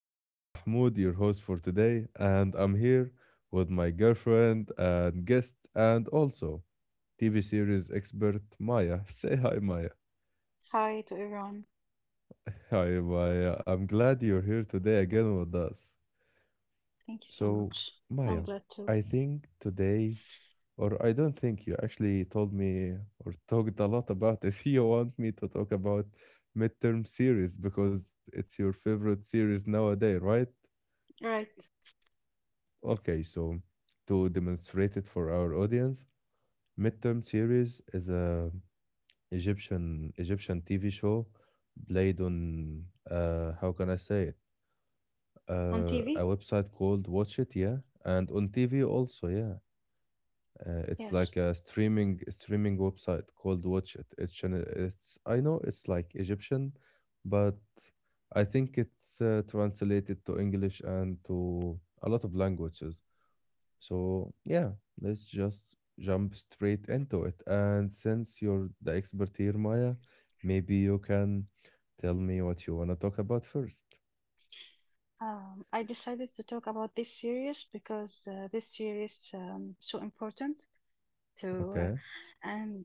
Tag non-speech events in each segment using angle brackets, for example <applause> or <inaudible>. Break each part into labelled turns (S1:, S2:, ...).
S1: This is Mahmoud, your host for today, and I'm here with my girlfriend and guest, and also TV series expert Maya. <laughs> Say hi, Maya.
S2: Hi to everyone.
S1: <laughs> Hi, Maya. I'm glad you're here today again with us.
S2: Thank you so
S1: So,
S2: much. I'm
S1: Maya,
S2: glad to.
S1: I think today, or I don't think you actually told me or talked a lot about it. <laughs> You want me to talk about midterm series because it's your favorite series nowadays, right?
S2: Right,
S1: Okay, so to demonstrate it for our audience, Midterm Series is a Egyptian TV show played on how can I say it?
S2: on
S1: A
S2: TV?
S1: website called Watch It, yeah, and on TV also, yeah. It's
S2: Yes.
S1: like a streaming website called Watch It. It's channel- it's I know it's like Egyptian, but I think it's translated to English and to a lot of languages. So yeah, let's just jump straight into it. And since you're the expert here, Maya, maybe you can tell me what you want to talk about first.
S2: I decided to talk about this series because this series so important to
S1: Okay.
S2: and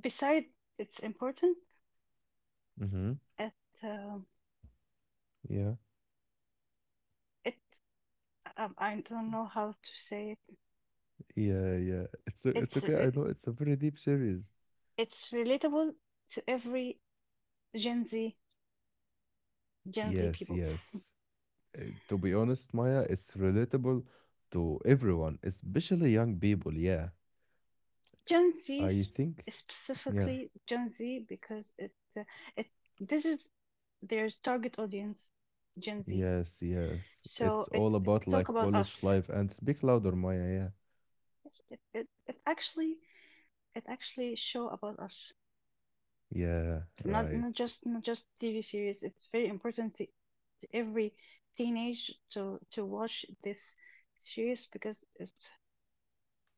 S2: beside it's important
S1: Mm-hmm.
S2: it um
S1: Yeah.
S2: it I don't know how to say it.
S1: Yeah. Yeah. It's
S2: It's
S1: okay. I
S2: re-
S1: know it's a very deep series.
S2: it's relatable to every Gen Z Gen Z
S1: Yes.
S2: people.
S1: Yes. To be honest, Maya, it's relatable to everyone, especially young people. Yeah.
S2: Gen Z
S1: I
S2: s-
S1: think. Yeah.
S2: Specifically Gen Z because it it this is their target audience Gen Z,
S1: Yes, yes. It's
S2: so
S1: all
S2: it
S1: about
S2: talk
S1: like
S2: about
S1: college
S2: us.
S1: life and speak louder, Maya. Yeah.
S2: Yes, it actually it actually show about us,
S1: Yeah,
S2: not
S1: right.
S2: not just not just TV series. It's very important to every teenage to watch this series because it's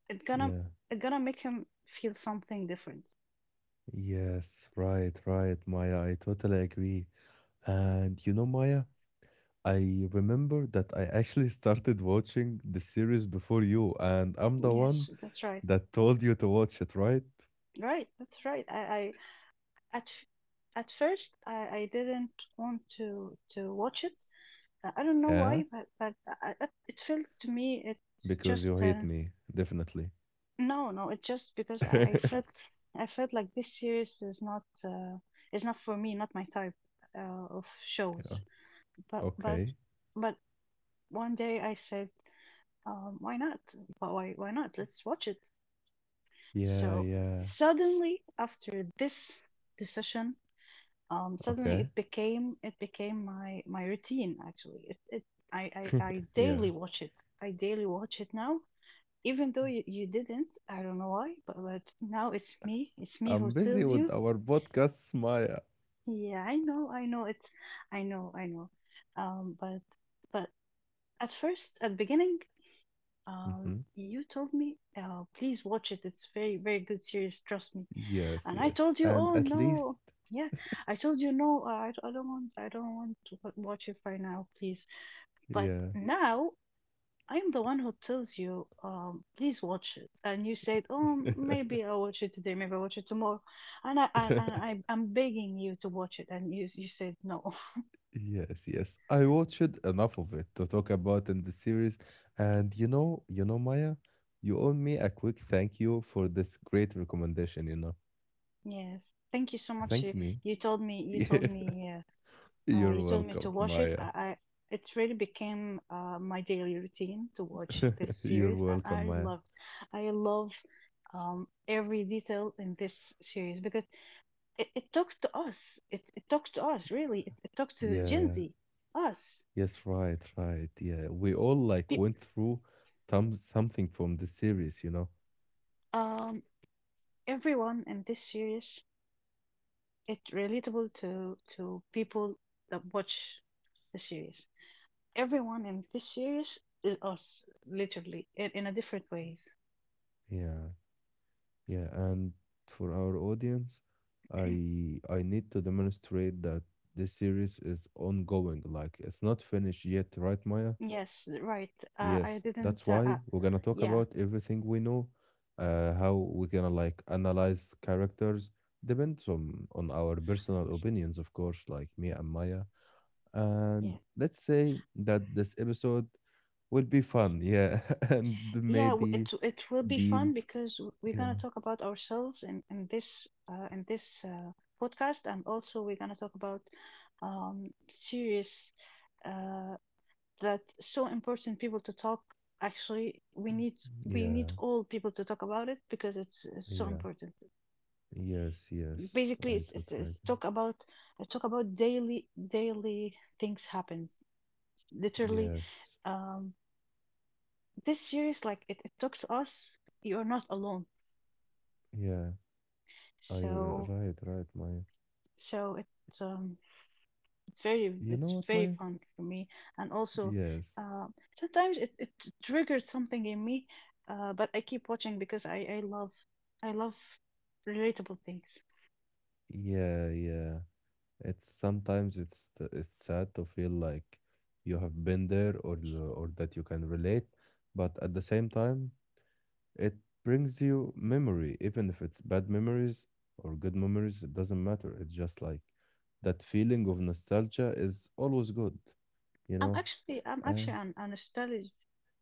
S2: it gonna
S1: Yeah.
S2: it gonna make him feel something different.
S1: Yes, right, right, Maya. I totally agree. And you know, Maya, I remember that I actually <laughs> started watching the series before you, and I'm the
S2: Yes,
S1: one
S2: that's right.
S1: that told you to watch it, right?
S2: Right, that's right. I At f- at first, I didn't want to watch it. I don't know
S1: Yeah,
S2: why, but it felt to me it's
S1: because you
S2: just
S1: hate me, definitely.
S2: no, no. It's just because I felt.
S1: <laughs>
S2: I felt like this series is not for me, not my type of
S1: Yeah.
S2: shows. But but
S1: Okay.
S2: but one day I said, why not? Why not? Let's watch it.
S1: Yeah,
S2: So
S1: yeah.
S2: suddenly after this decision, suddenly
S1: Okay.
S2: it became my routine. Actually it, it I, I
S1: <laughs>
S2: i
S1: Yeah.
S2: daily watch it. I daily watch it now, even though you didn't. I don't know why, but now it's me who
S1: I'm busy
S2: tells
S1: with
S2: you.
S1: our podcast, Maya.
S2: Yeah, I know it's I know um but but at first, at beginning,
S1: Hmm.
S2: you told me, please watch it, it's very very good series, trust me.
S1: Yes,
S2: And I
S1: yes.
S2: told you,
S1: And
S2: oh
S1: at least,
S2: no, yeah, I told you no, I don't want to watch it right now, please. But
S1: yeah.
S2: now I'm the one who tells you, please watch it. And you said, oh,
S1: <laughs>
S2: maybe I'll watch it today, maybe I'll watch it tomorrow. And I'm begging you to watch it, and you said no. <laughs>
S1: Yes, yes. I watched enough of it to talk about in the series. And Maya, you owe me a quick thank you for this great recommendation.
S2: Yes, thank you so much.
S1: Thank me. <laughs>
S2: You told
S1: Yeah.
S2: me. You
S1: You're
S2: told me to
S1: welcome,
S2: watch it.
S1: Maya.
S2: I it really became my daily routine to watch this
S1: <laughs> You're
S2: series, and
S1: welcome,
S2: I
S1: Maya.
S2: loved. I love every detail in this series because it talks to us. It talks to us really. It talks to Gen
S1: Yeah.
S2: Z, us,
S1: Yes, right, right. Yeah, we all like
S2: pe-
S1: went through something from the series.
S2: Mm. um, everyone in this series. It's relatable to people that watch the series. Everyone in this series is us, literally, in a different ways.
S1: Yeah, yeah. And for our audience, I need to demonstrate that this series is ongoing, like it's not finished yet, right, Maya?
S2: Yes, right. I
S1: Yes, that's
S2: didn't.
S1: why we're gonna talk
S2: Yeah,
S1: about everything we know, how we're gonna like analyze characters depends on our personal opinions, of course, like me and Maya. And
S2: yeah,
S1: let's say that this episode will be fun, yeah, <laughs> and
S2: yeah.
S1: maybe
S2: It will be
S1: deep,
S2: fun because we're gonna
S1: yeah,
S2: talk about ourselves in this podcast, and also we're gonna talk about serious uh, that so important people to talk. Actually, we
S1: yeah,
S2: need all people to talk about it because it's so
S1: yeah,
S2: important.
S1: yes, yes,
S2: Basically,
S1: I totally
S2: it's
S1: agree.
S2: talk about daily things happens. Literally.
S1: Yes,
S2: Um, this series like it talks to us. You're not alone.
S1: yeah, I
S2: so
S1: right, right, Maya.
S2: so it um it's very
S1: You know
S2: it's
S1: what, Maya?
S2: very fun for me, and also
S1: Yes,
S2: uh, sometimes it triggered something in me, but I keep watching because I love relatable things.
S1: yeah, yeah. It's sometimes it's t- it's sad to feel like you have been there or that you can relate, but at the same time, it brings you memory, even if it's bad memories or good memories, it doesn't matter. It's just like that feeling of nostalgia is always good, you know?
S2: I'm actually
S1: Uh,
S2: an nostalgic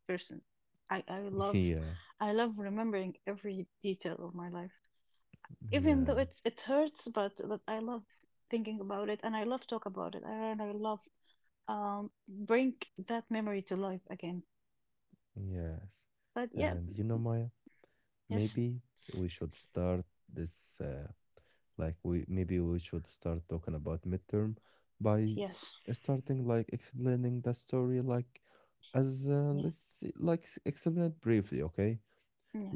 S2: person. i i
S1: <laughs>
S2: love
S1: yeah,
S2: I love remembering every detail of my life. Even though
S1: yeah,
S2: it hurts, but I love thinking about it, and I love talk about it. I love bring that memory to life again.
S1: yes.
S2: But yeah,
S1: And you know, Maya,
S2: yes,
S1: maybe we should start this, like, we maybe we should start talking about midterm by
S2: yes,
S1: starting, like, explaining the story, like, as
S2: yes,
S1: let's see, like explain it briefly, okay?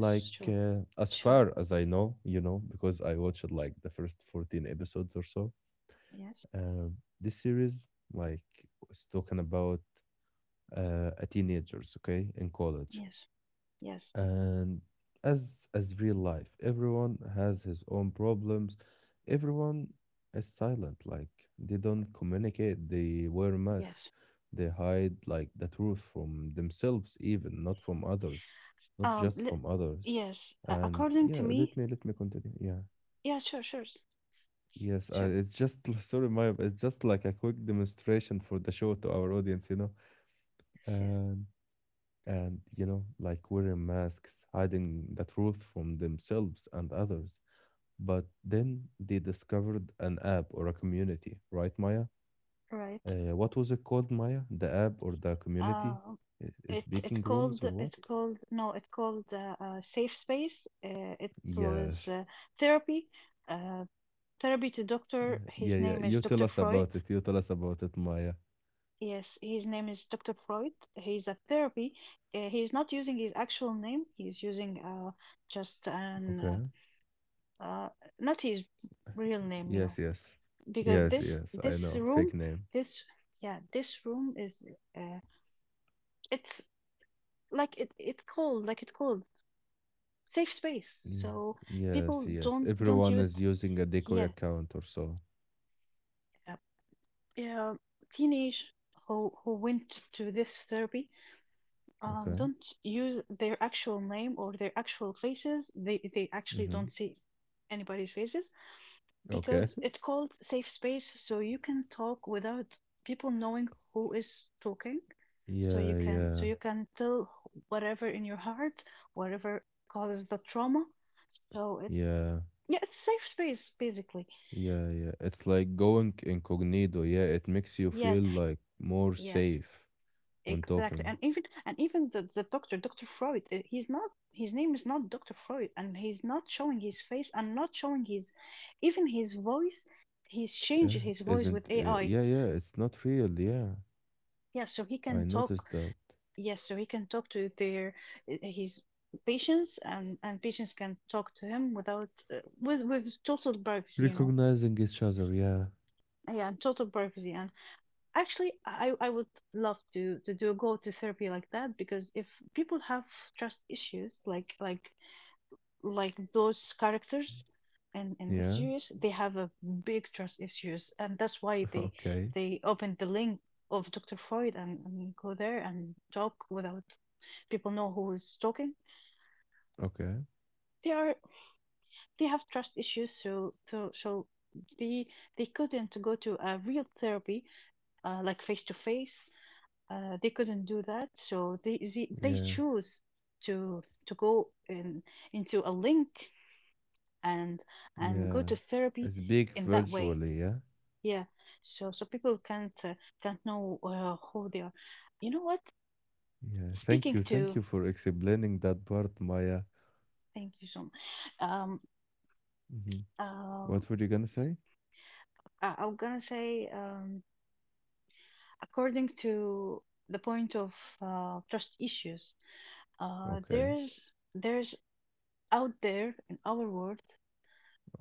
S1: Like
S2: sure,
S1: as
S2: sure,
S1: far as I know, because I watched like the first 14 episodes or so.
S2: yes,
S1: This series like was talking about a teenagers, okay, in college,
S2: yes, yes,
S1: and as real life, everyone has his own problems. Everyone is silent, like they don't communicate. They wear masks.
S2: yes.
S1: They hide like the truth from themselves, even not from others, not just
S2: Li
S1: from others.
S2: yes,
S1: And
S2: according
S1: yeah,
S2: to
S1: let
S2: me,
S1: me let me continue. Yeah.
S2: yeah, sure, sure,
S1: Yes,
S2: sure,
S1: it's just <laughs> sorry, Maya, but it's just like a quick demonstration for the show to our audience.
S2: yes, yes,
S1: And and like wearing masks, hiding the truth from themselves and others. But then they discovered an app or a community, right, Maya?
S2: right.
S1: What was it called, Maya? The app or the community?
S2: Um, it
S1: Speaking rooms or what?
S2: it's called no, it's called Safe Space. It was
S1: Yes.
S2: therapy. Uh, therapy to Dr.
S1: Yeah,
S2: His
S1: yeah, yeah.
S2: name is
S1: You tell
S2: Dr.
S1: us
S2: Freud.
S1: about it. You tell us about it, Maya.
S2: Yes, his name is Dr. Freud. He's a therapy. He's not using his actual name. He's using just
S1: Okay.
S2: an uh, uh, not his real name, you know,
S1: Yes, yes.
S2: because
S1: Yes,
S2: this
S1: yes. I
S2: this
S1: know.
S2: room,
S1: Fake name.
S2: this yeah, this room is uh, it's like it's called safe space.
S1: Yeah.
S2: So people
S1: Yes, yes.
S2: don't
S1: Everyone
S2: use,
S1: is using a decoy
S2: yeah,
S1: account or so.
S2: yeah, teenage who went to this therapy,
S1: Okay.
S2: don't use their actual name or their actual faces. They actually
S1: Mm-hmm.
S2: don't see anybody's faces
S1: Okay.
S2: because
S1: <laughs>
S2: it's called safe space, so you can talk without people knowing who is talking.
S1: Yeah, yeah,
S2: So you can tell whatever in your heart, whatever causes the trauma. So it
S1: yeah,
S2: Yeah, it's safe space basically.
S1: yeah, yeah. It's like going incognito. Yeah, it makes you feel
S2: Yes,
S1: like more
S2: yes.
S1: safe when
S2: Exactly,
S1: talking.
S2: and even the doctor, Doctor Freud, he's not. His name is not Doctor Freud, and he's not showing his face and not showing his, even his voice. He's changed
S1: Yeah,
S2: his voice with
S1: isn't
S2: AI.
S1: yeah, yeah, it's not real. Yeah.
S2: Yeah, so he
S1: I
S2: can talk.
S1: noticed that.
S2: Yes, so he can talk to their his patients, and patients can talk to him without with total privacy, you know.
S1: Recognizing each other. Yeah.
S2: Yeah, and total privacy, and actually, I would love to do go to therapy like that because if people have trust issues like those characters and in the
S1: Yeah.
S2: series, they have a big trust issues, and that's why
S1: <laughs> Okay.
S2: they opened the link of Dr. Freud and go there and talk without people know who is talking.
S1: Okay.
S2: They are they have trust issues, so they they couldn't go to a real therapy, like face to face. They couldn't do that, so they
S1: Yeah.
S2: choose to go in into a link and go
S1: Yeah,
S2: to therapy
S1: it's big
S2: in that way.
S1: virtually. Yeah,
S2: Yeah, so people can't know who they are. You know what?
S1: yeah.
S2: Speaking
S1: Thank you
S2: to
S1: for explaining that part, Maya.
S2: thank you so much. Um,
S1: Hmm.
S2: um,
S1: What were you gonna say?
S2: I'm gonna say, according to the point of trust issues, uh,
S1: Okay,
S2: there's there's out there in our world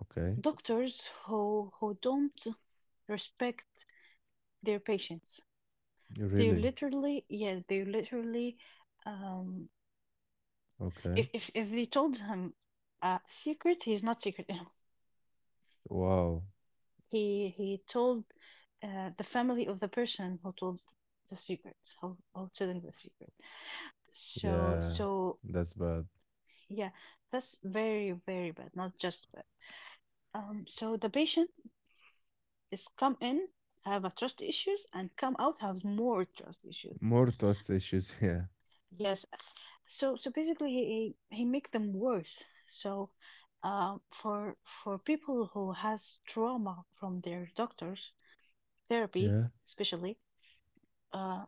S1: okay.
S2: doctors who don't respect their patients. They
S1: Really?
S2: literally, yeah, they literally, um,
S1: Okay.
S2: if if they told him a secret, he's not secret. <laughs>
S1: Wow.
S2: He told the family of the person who told the secret, who telling the secret. So
S1: Yeah,
S2: so
S1: that's bad.
S2: yeah, that's very very bad. Not just bad. So the patient is come in, have a trust issues, and come out has more trust issues.
S1: More trust issues. <laughs>
S2: Yes. Basically he make them worse. So for people who has trauma from their doctors therapy
S1: Yeah,
S2: especially, uh,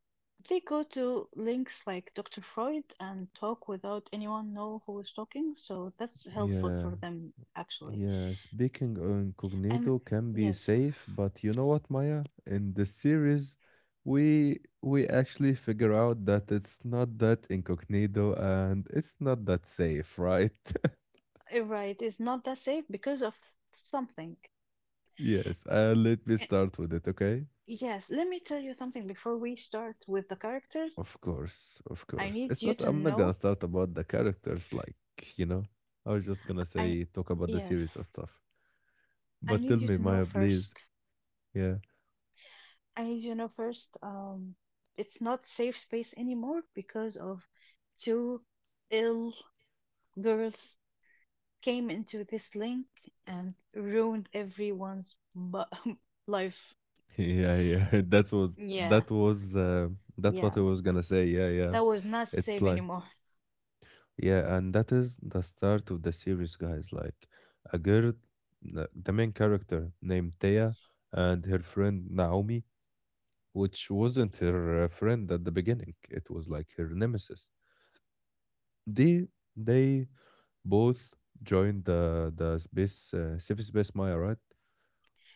S2: they go to links like Dr. Freud and talk without anyone know who is talking, so that's
S1: yeah,
S2: helpful
S1: yeah.
S2: for them actually,
S1: Yeah, speaking
S2: and
S1: incognito can be
S2: yes,
S1: safe, but you know what, Maya? In the series, we actually figure out that it's not that incognito and it's not that safe, right? <laughs>
S2: you right, it's not that safe because of something.
S1: Yes, let me
S2: Eh,
S1: start with it, okay?
S2: yes, let me tell you something before we start with the characters.
S1: Of course, of
S2: I
S1: course.
S2: need
S1: It's
S2: you
S1: not,
S2: to
S1: I'm not gonna
S2: know.
S1: start about the characters, like, you know, I was just gonna
S2: I
S1: say, talk about the
S2: Yes.
S1: series and stuff.
S2: I
S1: But tell
S2: need you
S1: me,
S2: to know
S1: Maya, please.
S2: first.
S1: Yeah.
S2: I need you to know first. Um, it's not safe space anymore because of two ill girls came into this link and ruined everyone's <laughs> life.
S1: Yeah, yeah. <laughs>
S2: Yeah,
S1: That what I
S2: yeah.
S1: was gonna say. Yeah, yeah.
S2: That was not
S1: It's
S2: safe
S1: like
S2: anymore.
S1: yeah, and that is the start of the series, guys. Like a girl, the main character named Thea, and her friend Naomi, which wasn't her friend at the beginning. It was like her nemesis. They they both joined the space Civ Space Maya, right?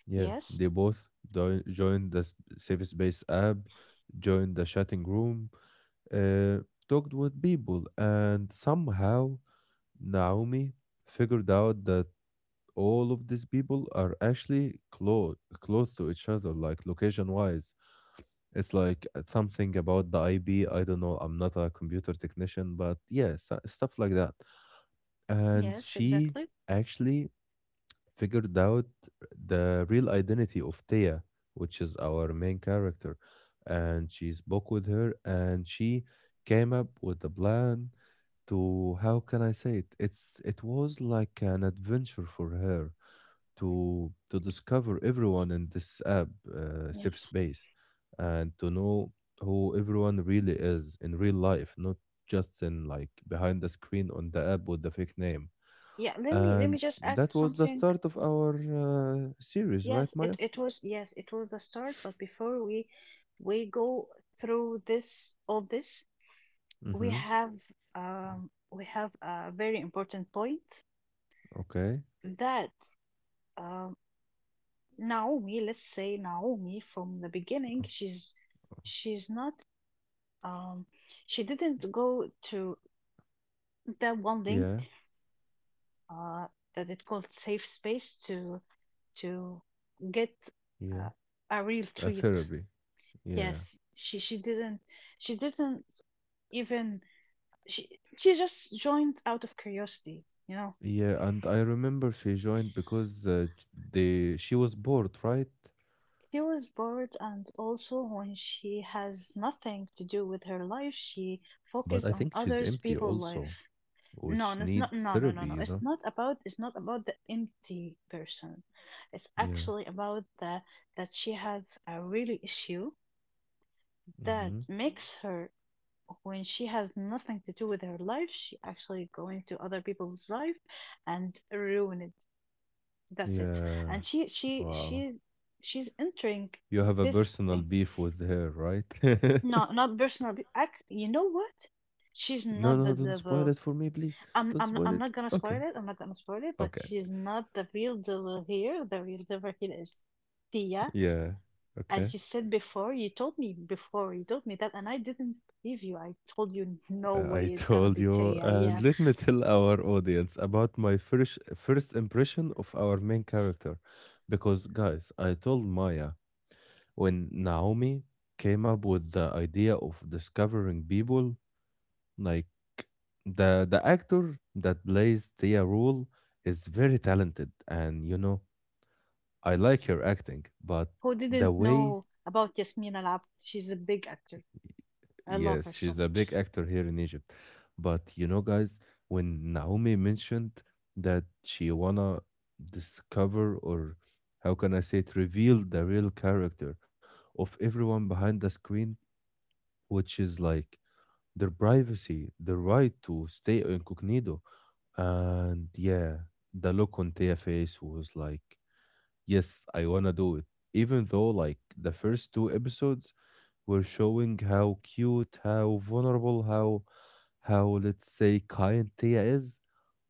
S1: Yeah,
S2: Yes,
S1: they both joined the safe space app, joined the chatting room, uh, talked with people, and somehow Naomi figured out that all of these people are actually close to each other, like location wise. It's like something about the IB. I don't know. I'm not a computer technician, but yeah, stuff like that. And
S2: yes,
S1: she
S2: exactly.
S1: actually figured out the real identity of Thea, which is our main character. And she spoke with her and she came up with a plan to how can I say it? It was like an adventure for her to discover everyone in this app safe
S2: Yes.
S1: space and to know who everyone really is in real life, not just in like behind the screen on the app with the fake name.
S2: Yeah. Let me
S1: And
S2: just add
S1: that was the
S2: something.
S1: start of our series, right,
S2: Yes, it,
S1: Maya?
S2: it was yes, it was the start, but before we go through this all this, we
S1: Mm-hmm.
S2: have we have a very important point
S1: Okay.
S2: that um Naomi, let's say Naomi from the beginning,
S1: Oh,
S2: she's not um she didn't go to that one link
S1: yeah.
S2: uh that it called safe space to to get
S1: Yeah.
S2: uh, a real
S1: A
S2: treat.
S1: therapy.
S2: Yes,
S1: Yeah.
S2: she didn't even. She just joined out of curiosity, you know.
S1: Yeah. And I remember she joined because j- they she was bored, right?
S2: She was bored, and also when she has nothing to do with her life, she
S1: But I
S2: focused
S1: think
S2: on
S1: she's
S2: others
S1: empty
S2: people's
S1: also,
S2: life. No,
S1: which
S2: no, it's not,
S1: need therapy. You
S2: It's
S1: know.
S2: not about, it's not about the empty person. It's
S1: Yeah.
S2: actually about the that she has a really issue that
S1: Mm-hmm.
S2: Mhm. makes her. When she has nothing to do with her life, she actually go into other people's life and ruin it. That's it.
S1: Yeah.
S2: And
S1: Wow.
S2: she's entering
S1: You have a
S2: this
S1: personal
S2: thing.
S1: beef with her, right? <laughs>
S2: No, not personal. Act. You know what? She's
S1: No,
S2: not the
S1: no. Don't spoil
S2: devil.
S1: it for me, please. Don't spoil
S2: I'm
S1: it.
S2: not gonna spoil
S1: Okay.
S2: it. I'm not gonna spoil it. But
S1: Okay.
S2: she's not the real devil here. The real devil here is Tia.
S1: Yeah.
S2: As
S1: Okay.
S2: you said before, you told me before. You told me that, and I didn't believe you. I told you no
S1: I
S2: way it's gonna
S1: told
S2: be
S1: you,
S2: Tia.
S1: and
S2: Yeah.
S1: let me tell our audience about my first impression of our main character, because guys, I told Maya when Naomi came up with the idea of discovering people, like the actor that plays Thea Rule is very talented, and you know I like her acting, but
S2: Who
S1: the
S2: didn't
S1: way.
S2: know about Yasmina Lab? She's a big actor. I
S1: Yes,
S2: love her
S1: she's
S2: so
S1: a big
S2: much.
S1: actor here in Egypt. But you know, guys, when Naomi mentioned that she wanna discover or how can I say it, reveal the real character of everyone behind the screen, which is like their privacy, the right to stay incognito. And yeah, the look on Tia face was like, yes, I wanna do it. Even though like the first two episodes we're showing how cute, how vulnerable, how let's say kind Tia is.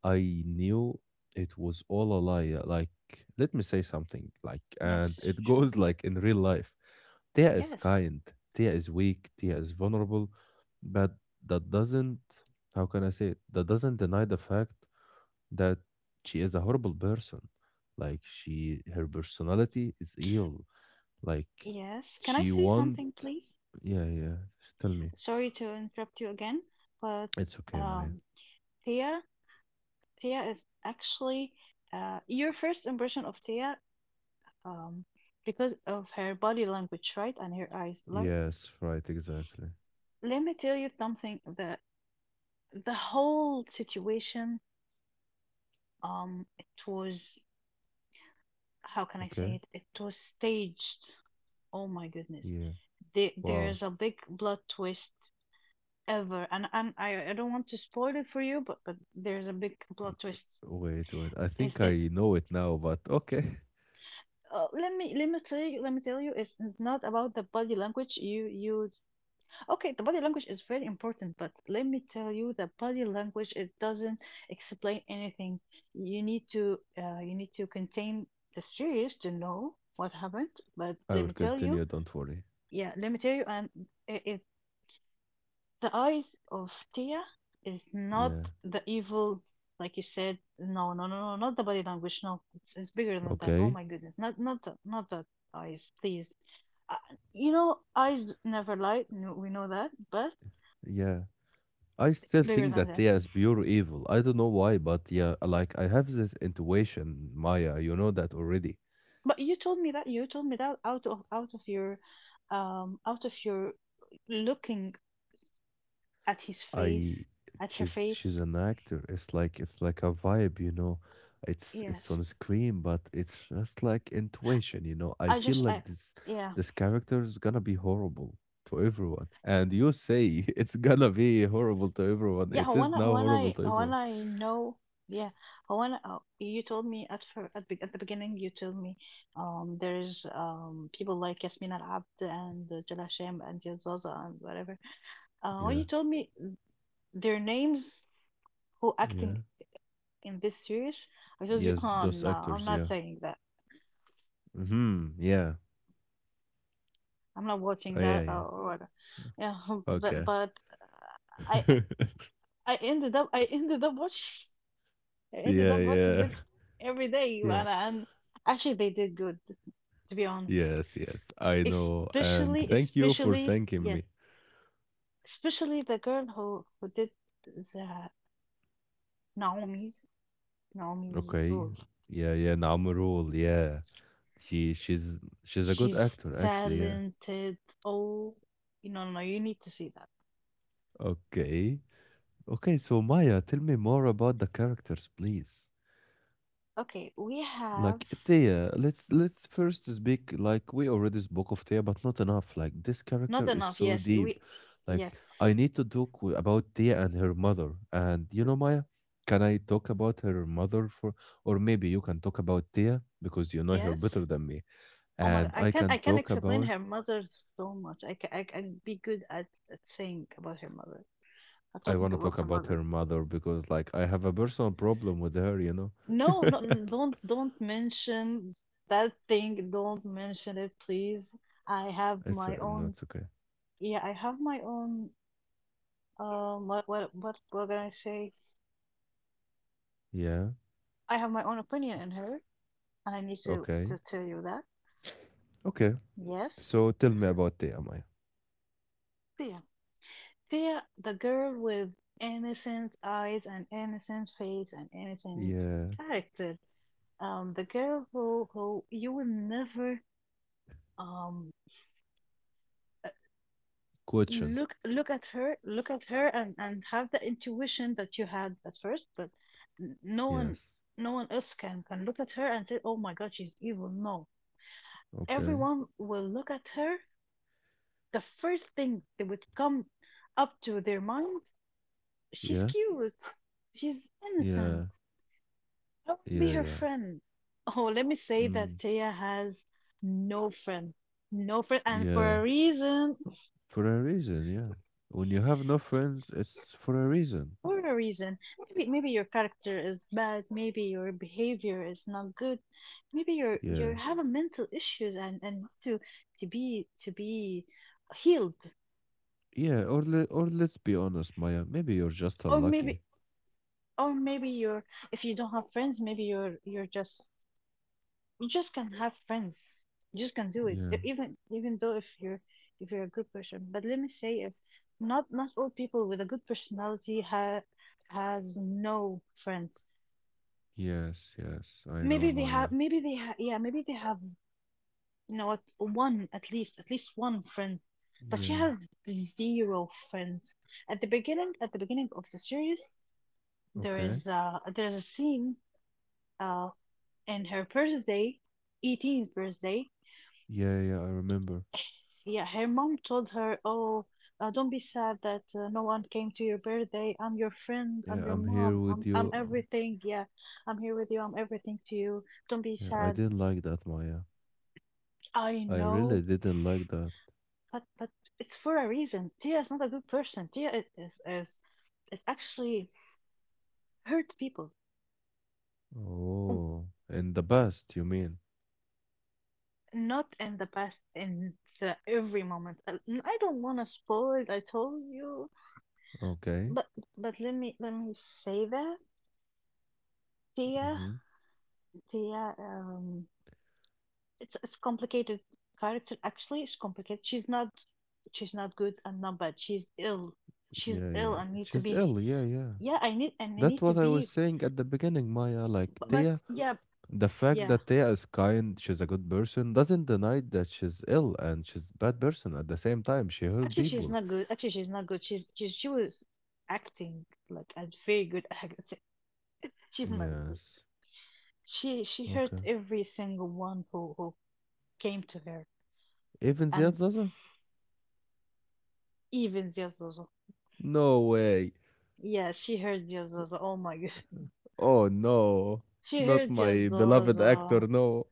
S1: I knew it was all a lie. Like, let me say something. Like, and
S2: Yes,
S1: it <laughs>
S2: sure.
S1: goes like in real life. Tia is
S2: Yes,
S1: kind. Tia is weak. Tia is vulnerable, but that doesn't. How can I say it? That doesn't deny the fact that she is a horrible person. Like she, her personality is evil like
S2: yes. Can I
S1: she
S2: say
S1: want
S2: something, please?
S1: yeah, yeah. Tell me.
S2: Sorry to interrupt you again, but
S1: It's okay, Maya.
S2: um, Thea, Thea is actually your first impression of Thea, um, because of her body language, right, and her eyes. Like,
S1: Yes, right, exactly.
S2: let me tell you something. The whole situation, it was how can I
S1: Okay.
S2: say it? It was staged. Oh my goodness.
S1: Yeah.
S2: There,
S1: Wow.
S2: there's a big plot twist ever, and I don't want to spoil it for you, but there's a big plot
S1: Y-
S2: twist.
S1: Wait, wait. I
S2: Is
S1: think
S2: it?
S1: I know it now, but okay.
S2: Let me tell you let me tell you. It's not about the body language. You okay? The body language is very important, but let me tell you, the body language it doesn't explain anything. You need to contain the series to know what happened. But
S1: <laughs> I
S2: let
S1: will
S2: me tell you,
S1: continue, don't worry.
S2: yeah, let me tell you, and it the eyes of Tia is not
S1: Yeah.
S2: the evil, like you said. No, no, no, no, not the body language. No, it's bigger than that. Oh
S1: Okay.
S2: my goodness, not the eyes, please. Uh, you know, eyes never lie. No, we know that, but
S1: Yeah. I still
S2: it's bigger
S1: think
S2: than
S1: that
S2: that.
S1: Tia is pure evil. I don't know why, but yeah, like I have this intuition, Maya, you know that already.
S2: But you told me that out of your, out of your looking at his
S1: I
S2: face, at her
S1: she's
S2: face.
S1: an actor. It's like a vibe. It's
S2: Yes,
S1: on screen, but it's just like intuition. I
S2: I
S1: feel
S2: just I
S1: like this
S2: yeah.
S1: this character is gonna be horrible to everyone. And you say <laughs> it's gonna be horrible to everyone.
S2: Yeah,
S1: It is
S2: Hawana,
S1: now horrible
S2: Hawana,
S1: to
S2: Hawana,
S1: everyone.
S2: I know. Yeah, Hawana, you told me at, at the beginning, you told me there's people like Yasmin Al Abd and Jalal Shem and Yazaza and whatever. When
S1: Yeah,
S2: you told me their names who acting
S1: yeah.
S2: in this series, I told you,
S1: Yes,
S2: oh
S1: those
S2: no, I'm
S1: actors,
S2: not
S1: yeah.
S2: saying that.
S1: Hmm. Yeah.
S2: I'm not
S1: Oh
S2: watching
S1: yeah,
S2: that
S1: yeah.
S2: or whatever. Yeah, <laughs>
S1: Okay.
S2: but
S1: <laughs>
S2: I ended up I <laughs> ended up watching. I ended
S1: yeah,
S2: up watching
S1: yeah.
S2: it
S1: <laughs>
S2: every day,
S1: Yeah.
S2: and actually they did good, to be honest.
S1: Yes, yes, I know. And
S2: Especially,
S1: thank you for
S2: especially,
S1: thanking
S2: yeah,
S1: me.
S2: especially the girl who did the Naomi's Naomi's
S1: Okay.
S2: role.
S1: Yeah, yeah, Namrul, yeah. She's a good
S2: She's
S1: actor actually, yeah.
S2: talented. Oh, no, no, you need to see that.
S1: Okay. Okay, so Maya, tell me more about the characters, please.
S2: Okay, we have
S1: Like Thea, let's first speak like we already spoke of Thea, but not enough. Like this
S2: not
S1: character is
S2: enough.
S1: so
S2: Yes,
S1: deep.
S2: we,
S1: Like
S2: yes,
S1: I need to talk about Thea and her mother. And you know, Maya, can I talk about her mother for, or maybe you can talk about Thea because you know her
S2: yes.
S1: better than me.
S2: Oh my,
S1: And
S2: I
S1: I
S2: can
S1: can
S2: I can
S1: talk
S2: explain
S1: about,
S2: her mother so much. I can be good at saying about her mother. But
S1: I want
S2: talking
S1: to
S2: about
S1: talk
S2: her
S1: about
S2: mother.
S1: her mother because like I have a personal problem with her, you know.
S2: No, no,
S1: <laughs>
S2: don't mention that thing. Don't mention it, please. I have
S1: It's
S2: my
S1: no,
S2: own.
S1: it's okay.
S2: Yeah, I have my own. What can I say?
S1: Yeah.
S2: I have my own opinion in her, and I need to
S1: Okay.
S2: to tell you that.
S1: Okay.
S2: Yes,
S1: So tell me about Thea, Maya.
S2: Thea, Thea, the girl with innocent eyes and innocent face and innocent
S1: Yeah.
S2: character. The girl who you will never um.
S1: Question.
S2: Look at her and have the intuition that you had at first, but n- no one
S1: Yes.
S2: no one else can look at her and say, oh my god, she's evil. No,
S1: Okay.
S2: everyone will look at her. The first thing that would come up to their mind, she's
S1: Yeah.
S2: cute, she's
S1: Yeah.
S2: innocent, I want to
S1: Yeah.
S2: be her
S1: Yeah.
S2: friend. Oh, let me say that
S1: Mm.
S2: Taya has no friend, no friend, and for
S1: Yeah.
S2: a reason.
S1: For a reason. Yeah. When you have no friends, it's for a reason.
S2: For a reason. Maybe maybe your character is bad, maybe your behavior is not good, maybe you're
S1: Yeah.
S2: having mental issues and need to be healed,
S1: Yeah. Or or let's be honest, Maya. Maybe you're just
S2: or maybe
S1: unlucky.
S2: or maybe you're, if you don't have friends, maybe you're just, you just can have friends, you just can do it.
S1: Yeah.
S2: Even even though if you're a good person. But let me say if not not all people with a good personality ha has no friends.
S1: Yes. Yes. I know,
S2: Maybe they
S1: Maya.
S2: have, maybe they have, yeah, maybe they have, you know what, one, at least, at least one friend. But she
S1: Yeah.
S2: has zero friends at the beginning, at the beginning of the series. There
S1: Okay.
S2: is there's a scene uh in her birthday, 18th birthday.
S1: Yeah. Yeah. I remember.
S2: Yeah, her mom told her, oh, don't be sad that no one came to your birthday, I'm your friend,
S1: Yeah.
S2: I'm your
S1: I'm here
S2: mom,
S1: with
S2: I'm,
S1: you.
S2: I'm
S1: Oh,
S2: everything, yeah, I'm here with you, I'm everything to you, don't be
S1: yeah. I
S2: sad.
S1: didn't like that, Maya.
S2: I
S1: I really
S2: know,
S1: didn't like that.
S2: but it's for a reason. Tia is not a good person. Tia is actually hurt people. Um,
S1: Oh. In the past, you mean?
S2: not in the past, in the every moment. I don't want to spoil. I told you,
S1: Okay.
S2: but but let me say that Tia,
S1: Mhm.
S2: Tia, it's complicated character. Actually, it's complicated. She's not, she's not good and not bad. She's ill. She's
S1: Yeah,
S2: ill
S1: yeah.
S2: and need to
S1: She's
S2: be,
S1: ill. Yeah, yeah.
S2: yeah. I need and I
S1: That's
S2: need to
S1: what I was
S2: be.
S1: saying at the beginning, Maya. Like,
S2: But
S1: Tia,
S2: yeah,
S1: the fact
S2: yeah,
S1: that Tia is kind, she's a good person, doesn't deny that she's ill and she's bad person at the same time. She hurt
S2: actually, she's
S1: people.
S2: not good. Actually, she's not good. She's she was acting like a very good <laughs> actor. She's not good.
S1: Yes.
S2: She
S1: Okay.
S2: hurt every single one who came to her,
S1: Even Ziad
S2: and
S1: Zaza?
S2: even Zozo.
S1: No way.
S2: Yeah, she hurt Zozo. Oh my god,
S1: Oh, no.
S2: <laughs> she
S1: Not
S2: hurt
S1: my beloved actor.
S2: Zozo.
S1: No.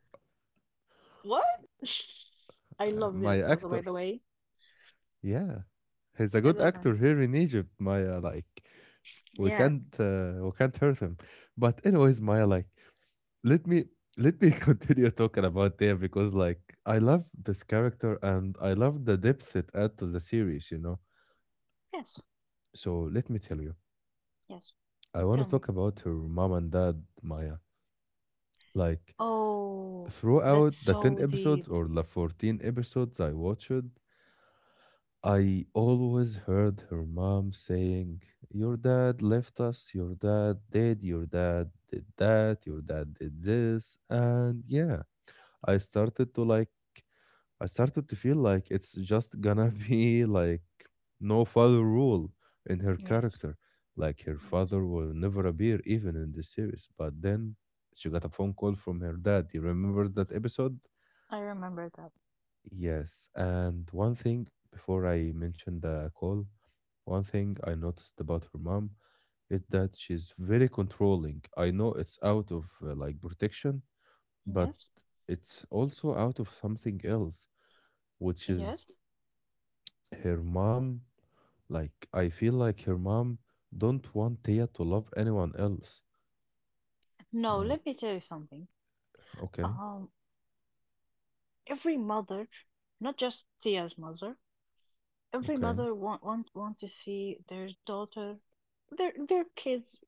S2: What? <laughs> I love
S1: My
S2: Zozo. By
S1: actor.
S2: the way,
S1: Yeah. He's a
S2: I
S1: good
S2: love him.
S1: actor here in Egypt, Maya. Like,
S2: Yeah.
S1: we can't hurt him. But anyways, Maya, like, let me let me <laughs> continue talking about them because like I love this character and I love the depth it adds to the series, you know.
S2: Yes.
S1: So let me tell you,
S2: Yes.
S1: I want
S2: Tell
S1: to
S2: me.
S1: talk about her mom and dad, Maya. Like
S2: Oh, that's
S1: throughout the ten
S2: so deep.
S1: episodes or the 14 episodes I watched, I always heard her mom saying, "Your dad left us. Your dad did. Your dad did that. Your dad did this." And yeah, I started to like I started to feel like it's just gonna <laughs> be like no father rule in her
S2: Yes.
S1: character. Like her
S2: Yes.
S1: father will never appear even in the series. But then she got a phone call from her dad. You remember that episode?
S2: I remember that.
S1: Yes. And one thing before I mention the call, one thing I noticed about her mom is that she's very controlling. I know it's out of like protection, but
S2: Yes.
S1: it's also out of something else, which is
S2: Yes.
S1: her mom, like I feel like her mom don't want Tia to love anyone else.
S2: No,
S1: Like,
S2: let me tell you something.
S1: okay,
S2: Um, every mother, not just Thea's mother, every
S1: okay,
S2: mother want to see their daughter, their kids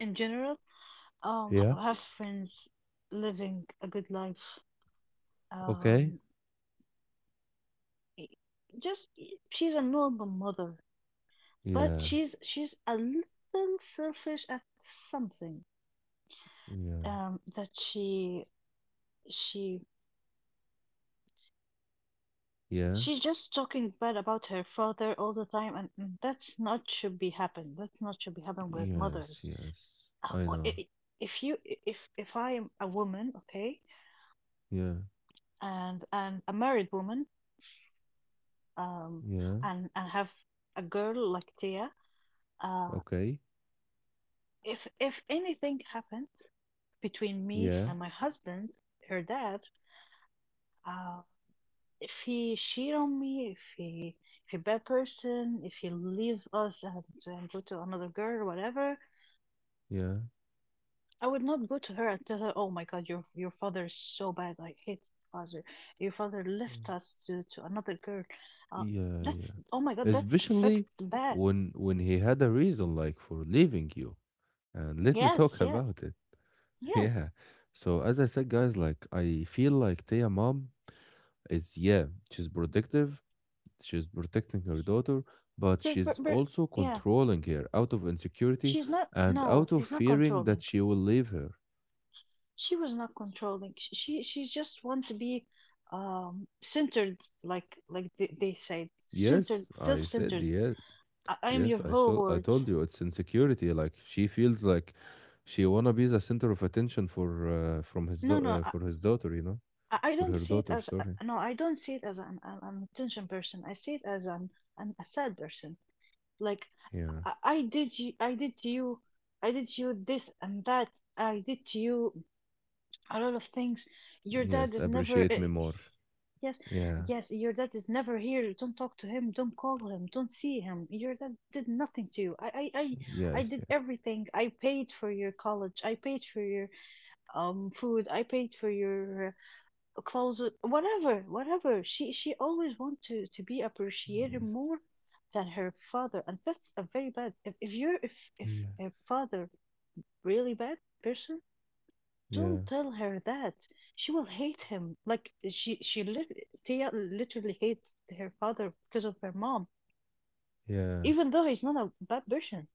S2: in general,
S1: yeah,
S2: have friends, living a good life.
S1: okay,
S2: Um, i- she's a normal mother, but
S1: yeah,
S2: she's a little selfish at something.
S1: yeah,
S2: That she she
S1: yeah,
S2: she's just talking bad about her father all the time, and that's not should be happen, that's not should be happen with
S1: yes,
S2: mothers.
S1: yes,
S2: Uh,
S1: I
S2: or i-
S1: know,
S2: i- if if if I am a woman, okay,
S1: yeah,
S2: and a married woman, um
S1: yeah,
S2: and have a girl like Tia, uh
S1: okay,
S2: if anything happened between me
S1: yeah,
S2: and my husband, her dad, uh if he cheat on me, if he, if he bad person, if he leave us and go to another girl or whatever,
S1: yeah,
S2: I would not go to her and tell her, "Oh my God, your father is so bad. I hate your father. Your father
S1: mm,
S2: left us to another girl." Uh,
S1: yeah,
S2: that's
S1: yeah.
S2: oh my God, that's affects
S1: Especially
S2: bad.
S1: when he had a reason like for leaving you, and let me
S2: Yes,
S1: talk
S2: yeah,
S1: about it. <laughs>
S2: yes.
S1: Yeah. So as I said, guys, like I feel like Tia mom is yeah, she's protective, she's protecting her daughter, but
S2: She's
S1: she's
S2: but
S1: also
S2: yeah,
S1: controlling her out of insecurity
S2: she's not.
S1: and
S2: No,
S1: out of
S2: she's not
S1: fearing that
S2: controlling.
S1: she will leave her.
S2: She was not controlling. She's just want to be centered, like they say, centered,
S1: Yes, I said
S2: self-centered.
S1: yes.
S2: I am
S1: Yes,
S2: your
S1: I
S2: whole
S1: saw I
S2: world.
S1: told you it's insecurity. Like she feels like she wanna be the center of attention for
S2: No, no, I,
S1: for his daughter, you know,
S2: I I
S1: for
S2: don't
S1: her
S2: see it
S1: daughter.
S2: as
S1: Sorry.
S2: no, I don't see it as an attention person. I see it as an a sad person. Like
S1: Yeah.
S2: I did to you, I did to you this and that. I did to you a lot of things. Your dad
S1: Yes.
S2: is never
S1: Appreciate me more.
S2: yes,
S1: Yeah.
S2: yes. Your dad is never here. Don't talk to him. Don't call him. Don't see him. Your dad did nothing to you. I
S1: Yes.
S2: did
S1: Yeah.
S2: everything. I paid for your college. I paid for your food. I paid for your clothes, whatever, whatever. She always want to be appreciated
S1: Yes.
S2: more than her father, and that's a very bad. If you're if
S1: Yeah.
S2: her father really bad person,
S1: Yeah.
S2: don't tell her that. She will hate him. Like Tia literally hates her father because of her mom,
S1: Yeah.
S2: even though he's not a bad person.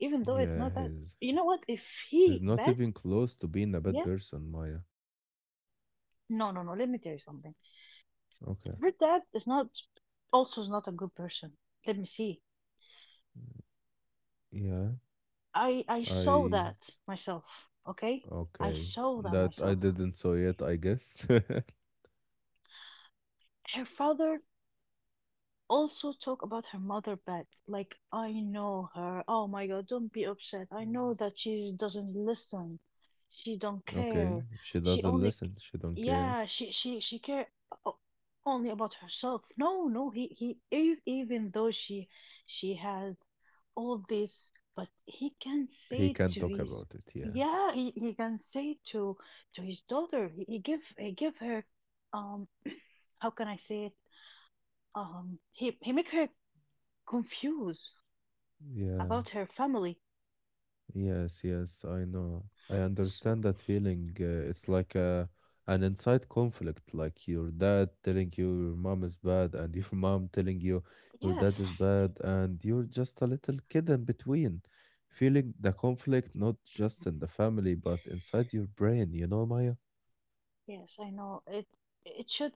S2: Even though it's
S1: Yeah.
S2: not that.
S1: His.
S2: You know what? If
S1: He's
S2: he
S1: not
S2: bad,
S1: even close to being a bad
S2: yeah.
S1: person, Maya.
S2: No, no, no. Let me tell you something.
S1: Okay.
S2: Her dad is not, also is not a good person. Let me see,
S1: Yeah,
S2: I saw
S1: I.
S2: that myself. Okay, I
S1: Okay.
S2: saw that
S1: That I
S2: myself.
S1: didn't saw yet, I guess. <laughs>
S2: Her father also talk about her mother bad. Like I know her. Oh my god, don't be upset. I know that she doesn't listen. She don't
S1: Okay.
S2: care.
S1: She
S2: She
S1: doesn't
S2: only,
S1: listen. She don't care.
S2: yeah, she care o- only about herself. No, no, even though she has all this, but he can
S1: He
S2: say
S1: can not
S2: to
S1: talk
S2: his,
S1: about it. Yeah.
S2: yeah, he can say to his daughter. He give her um how can I say it? He make her confused
S1: Yeah.
S2: about her family.
S1: Yes, yes, I know. I
S2: So,
S1: understand that feeling. It's like a an inside conflict, like your dad telling you your mom is bad, and <laughs> your mom telling you your dad
S2: yes,
S1: is bad, and you're just a little kid in between, feeling the conflict not just in the family, but inside your brain, you know, Maya?
S2: yes, I know. It should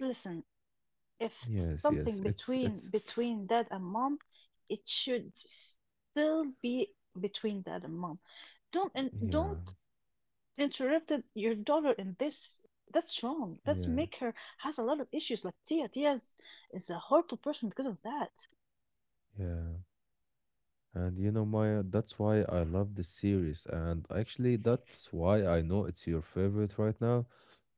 S2: listen. If
S1: Yes, yes.
S2: something
S1: It's
S2: between
S1: it's
S2: between dad and mom, it should still be between dad and mom, don't and
S1: yeah,
S2: don't interrupted your daughter in this. That's wrong. That's
S1: yeah,
S2: make her has a lot of issues. Like Tia, Tia is a horrible person because of that.
S1: yeah. And you know, Maya, that's why I love this series. And actually, that's why I know it's your favorite right now,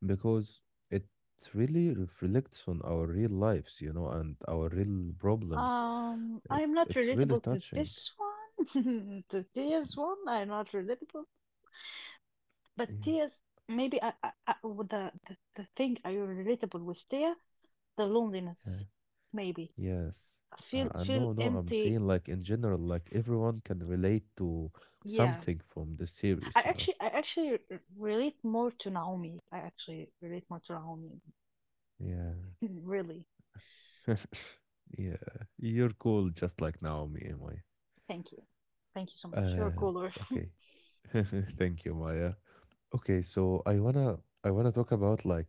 S1: because it really reflects on our real lives, you know, and our real problems. It
S2: I'm not
S1: it's really
S2: relatable to
S1: touching.
S2: this one, <laughs> to Tia's one. I'm not relatable, but
S1: Yeah,
S2: Tia's maybe I with the thing I relatable with Tia, the loneliness,
S1: yeah,
S2: maybe
S1: yes.
S2: I
S1: I
S2: feel
S1: know, no, I'm saying
S2: empty.
S1: like in general, like everyone can relate to
S2: Yeah,
S1: something from the series, you know.
S2: relate more to Naomi. I actually relate more to Naomi,
S1: Yeah.
S2: <laughs> really.
S1: <laughs> Yeah, you're cool just like Naomi, Maya.
S2: Thank you. Thank you so much. You're
S1: And
S2: cooler.
S1: okay. <laughs> Thank you, Maya. Okay, so I wanna talk about like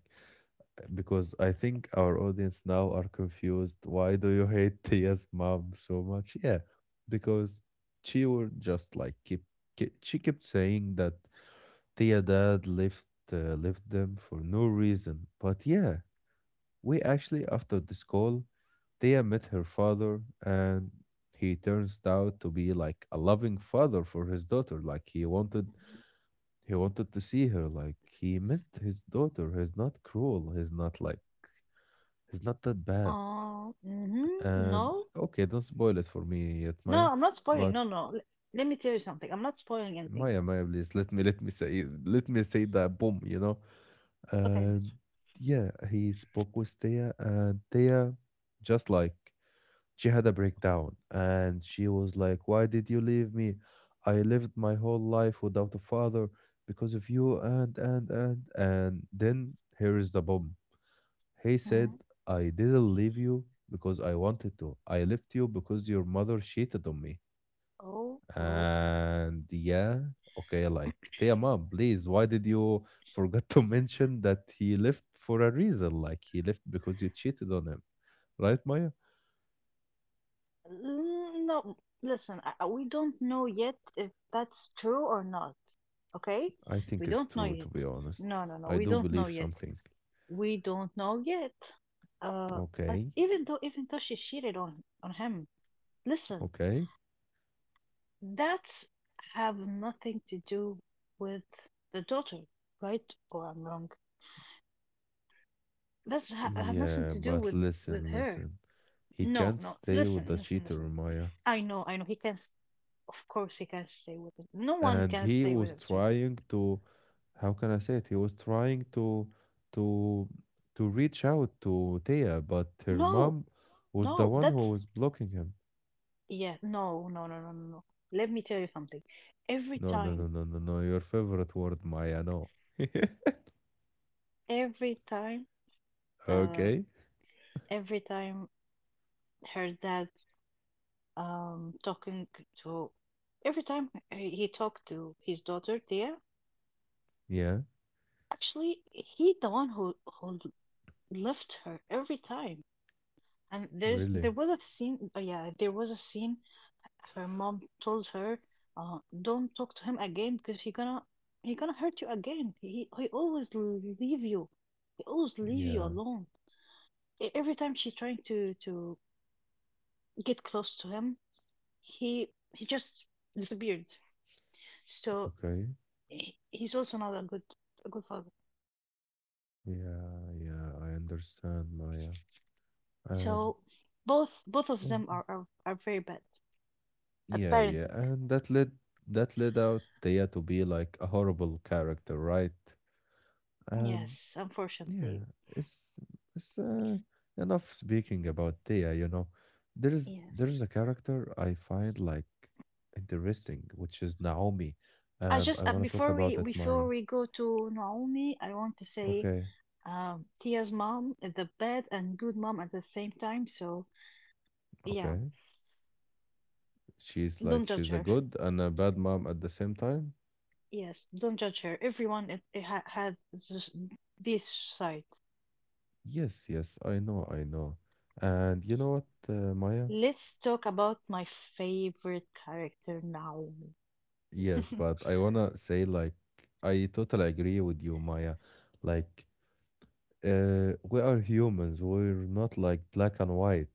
S1: because I think our audience now are confused. Why do you hate Tia's mom so much? Yeah, because she would just like keep she kept saying that Tia dad left left them for no reason. But yeah, we actually, after this call, Thea met her father, and he turns out to be like a loving father for his daughter. Like he wanted to see her. Like he missed his daughter. He's not cruel. He's not like he's not that bad.
S2: Uh, mm hmm
S1: And
S2: No,
S1: okay, don't spoil it for me yet, Maya.
S2: no, I'm not spoiling.
S1: But
S2: No, no. Let me tell you something. I'm not spoiling anything.
S1: Maya, Maya, please let me say that boom. You know,
S2: Okay.
S1: and yeah, he spoke with Thea, and Thea just like she had a breakdown and she was like, Why did you leave me? I lived my whole life without a father because of you and then here is the bomb. He said,
S2: Mm,
S1: I didn't leave you because I wanted to. I left you because your mother cheated on me.
S2: oh, oh, oh.
S1: And yeah, okay, like dear mom, please, why did you forget to mention that he left for a reason? Like he left because you cheated on him. Right, Maya?
S2: Mm, no, listen, we don't know yet if that's true or not. Okay?
S1: I
S2: We
S1: think it's
S2: don't know
S1: true, to
S2: yet.
S1: be honest.
S2: No, no, no.
S1: I
S2: We
S1: do
S2: don't know
S1: believe
S2: yet.
S1: something.
S2: We don't know yet. But
S1: Okay,
S2: even though she cheated on him, listen.
S1: okay.
S2: That's have nothing to do with the daughter, right? Or I'm wrong. That's ha have nothing
S1: Yeah,
S2: to do
S1: but
S2: with
S1: listen,
S2: her.
S1: listen. He
S2: No,
S1: can't
S2: no.
S1: stay with
S2: Listen,
S1: the
S2: listen,
S1: cheater,
S2: listen.
S1: Maya.
S2: I know, I know. He can. Of course, he can stay with it. No one
S1: And
S2: can
S1: he
S2: stay with
S1: was
S2: it. She's,
S1: trying to, how can I say it? He was trying to, to reach out to Thea, but her
S2: no,
S1: mom was the
S2: no.
S1: one who
S2: That's
S1: was blocking him.
S2: yeah. No, no, no, no, no. no. Let me tell you something. Every
S1: No, no,
S2: time,
S1: no, no, no, no. Your favorite word, Maya. No.
S2: every time,
S1: <laughs>
S2: uh,
S1: okay.
S2: every time her dad talking to every time he talked to his daughter Dia.
S1: Yeah.
S2: Actually, he the one who left her every time. And
S1: Really.
S2: there was a scene. Yeah, there was a scene. Her mom told her, "Don't talk to him again because he gonna hurt you again. He always leave you. He always leave you
S1: Yeah.
S2: alone. Every time she's trying to get close to him, he he just disappeared." So
S1: Okay.
S2: he's also not a good a good father.
S1: Yeah, yeah, I understand, Maya. And
S2: So both of
S1: oh,
S2: them are very bad at
S1: yeah, yeah,
S2: parenting.
S1: and that led out Thea to be like a horrible character, right? And
S2: Yes,
S1: yeah,
S2: unfortunately.
S1: it's it's uh, enough speaking about Thea, you know.
S2: Yes.
S1: There's a character I find like interesting, which is Naomi,
S2: I
S1: and I
S2: just
S1: want to talk about it, Maya.
S2: before we go to Naomi, I want to say
S1: Okay,
S2: Tia's mom is the bad and good mom at the same time. So yeah,
S1: okay. She's
S2: don't
S1: like
S2: judge
S1: she's a
S2: her.
S1: good and a bad mom at the same time.
S2: Yes, don't judge her. Everyone has this side.
S1: Yes, yes, I know, I know. And you know what, Maya?
S2: Let's talk about my favorite character, Naomi. <laughs>
S1: Yes, but I wanna say like I totally agree with you, Maya. Like we are humans. We're not like black and white.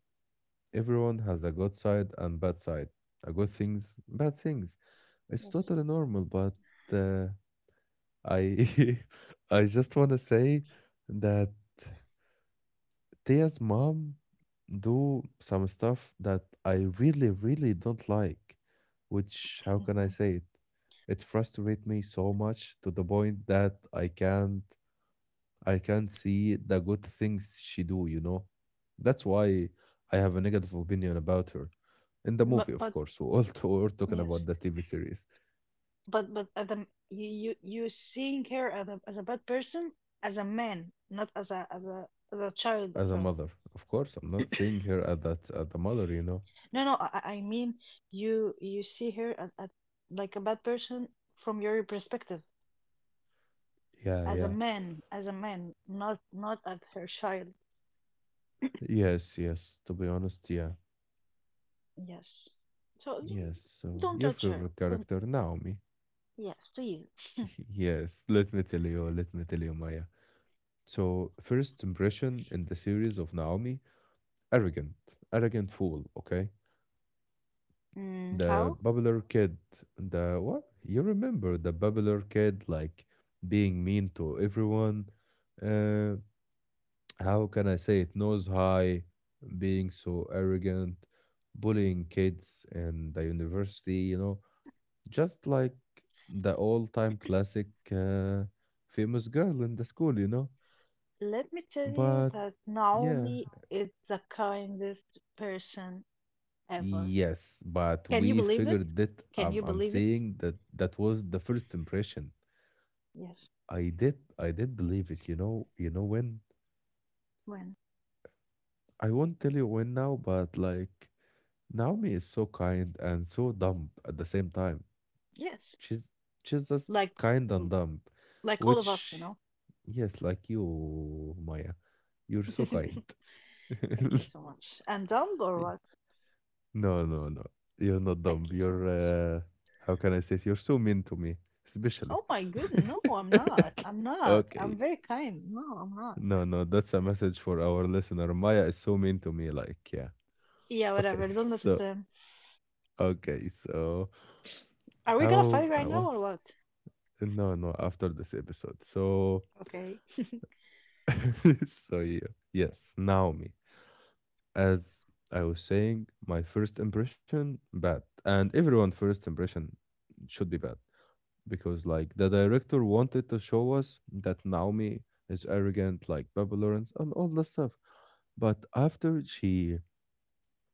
S1: Everyone has a good side and bad side. A good things, bad things. It's
S2: Yes.
S1: totally normal, but uh I <laughs> I just wanna say that Thea's mom do some stuff that I really, really don't like, which how can I say it? It frustrates me so much to the point that I can't see the good things she do, you know? That's why I have a negative opinion about her. In the movie, of
S2: But
S1: course. <laughs> We're talking
S2: yes,
S1: about the TV series
S2: but at the you you seeing her as a bad person as a man, not as a child of
S1: as a
S2: her.
S1: mother. Of course, I'm not seeing her as that as the mother, you know.
S2: No, no, I mean you you see her as like a bad person from your perspective
S1: Yeah, yeah.
S2: as a man, not not as her child.
S1: Yes, yes. To be honest, yeah.
S2: Yes. So
S1: Yes,
S2: y-
S1: so
S2: don't
S1: your
S2: judge her.
S1: favorite
S2: Don't.
S1: character, Naomi.
S2: Yes, please.
S1: <laughs> Yes, let me tell you, Maya. So, first impression in the series of Naomi, arrogant, arrogant fool, okay?
S2: Mm,
S1: The
S2: how?
S1: bubbler kid, the what? You remember the bubbler kid, like being mean to everyone. Uh, how can I say it? Nose high, being so arrogant, bullying kids in the university, you know? Just like the all time classic famous girl in the school, you know?
S2: Let me tell you
S1: But
S2: that
S1: yeah,
S2: Naomi is the kindest person ever.
S1: yes, but
S2: Can you
S1: we
S2: believe it?
S1: figured that
S2: Can you
S1: I'm
S2: believe it?
S1: saying that that was the first impression.
S2: Yes.
S1: I did believe it, you know when?
S2: When?
S1: I won't tell you when now, but like Naomi is so kind and so dumb at the same time.
S2: Yes.
S1: She's she's just
S2: Like
S1: kind and dumb,
S2: like all of us, you
S1: which
S2: know.
S1: yes, like you, Maya, you're
S2: <laughs>
S1: so
S2: Thank
S1: kind.
S2: you
S1: <laughs>
S2: so much. And dumb or what?
S1: No, no. You're not dumb.
S2: Thank you so
S1: You're,
S2: much.
S1: how can I say it? You're so mean to me, especially.
S2: Oh my goodness, no, I'm not. I'm
S1: <laughs>
S2: not.
S1: okay.
S2: I'm very kind. No, I'm not.
S1: No, no, that's a message for our listener. Maya is so mean to me. Like, yeah.
S2: Yeah,
S1: Okay.
S2: whatever.
S1: <laughs>
S2: Don't listen
S1: So,
S2: to him.
S1: okay. So,
S2: Are we gonna fight right now
S1: how
S2: or what?
S1: no no after this episode so
S2: Okay.
S1: <laughs> so yeah yes naomi as I was saying my first impression bad and everyone first impression should be bad because like the director wanted to show us that Naomi is arrogant, like Baby Lawrence and all that stuff. But after she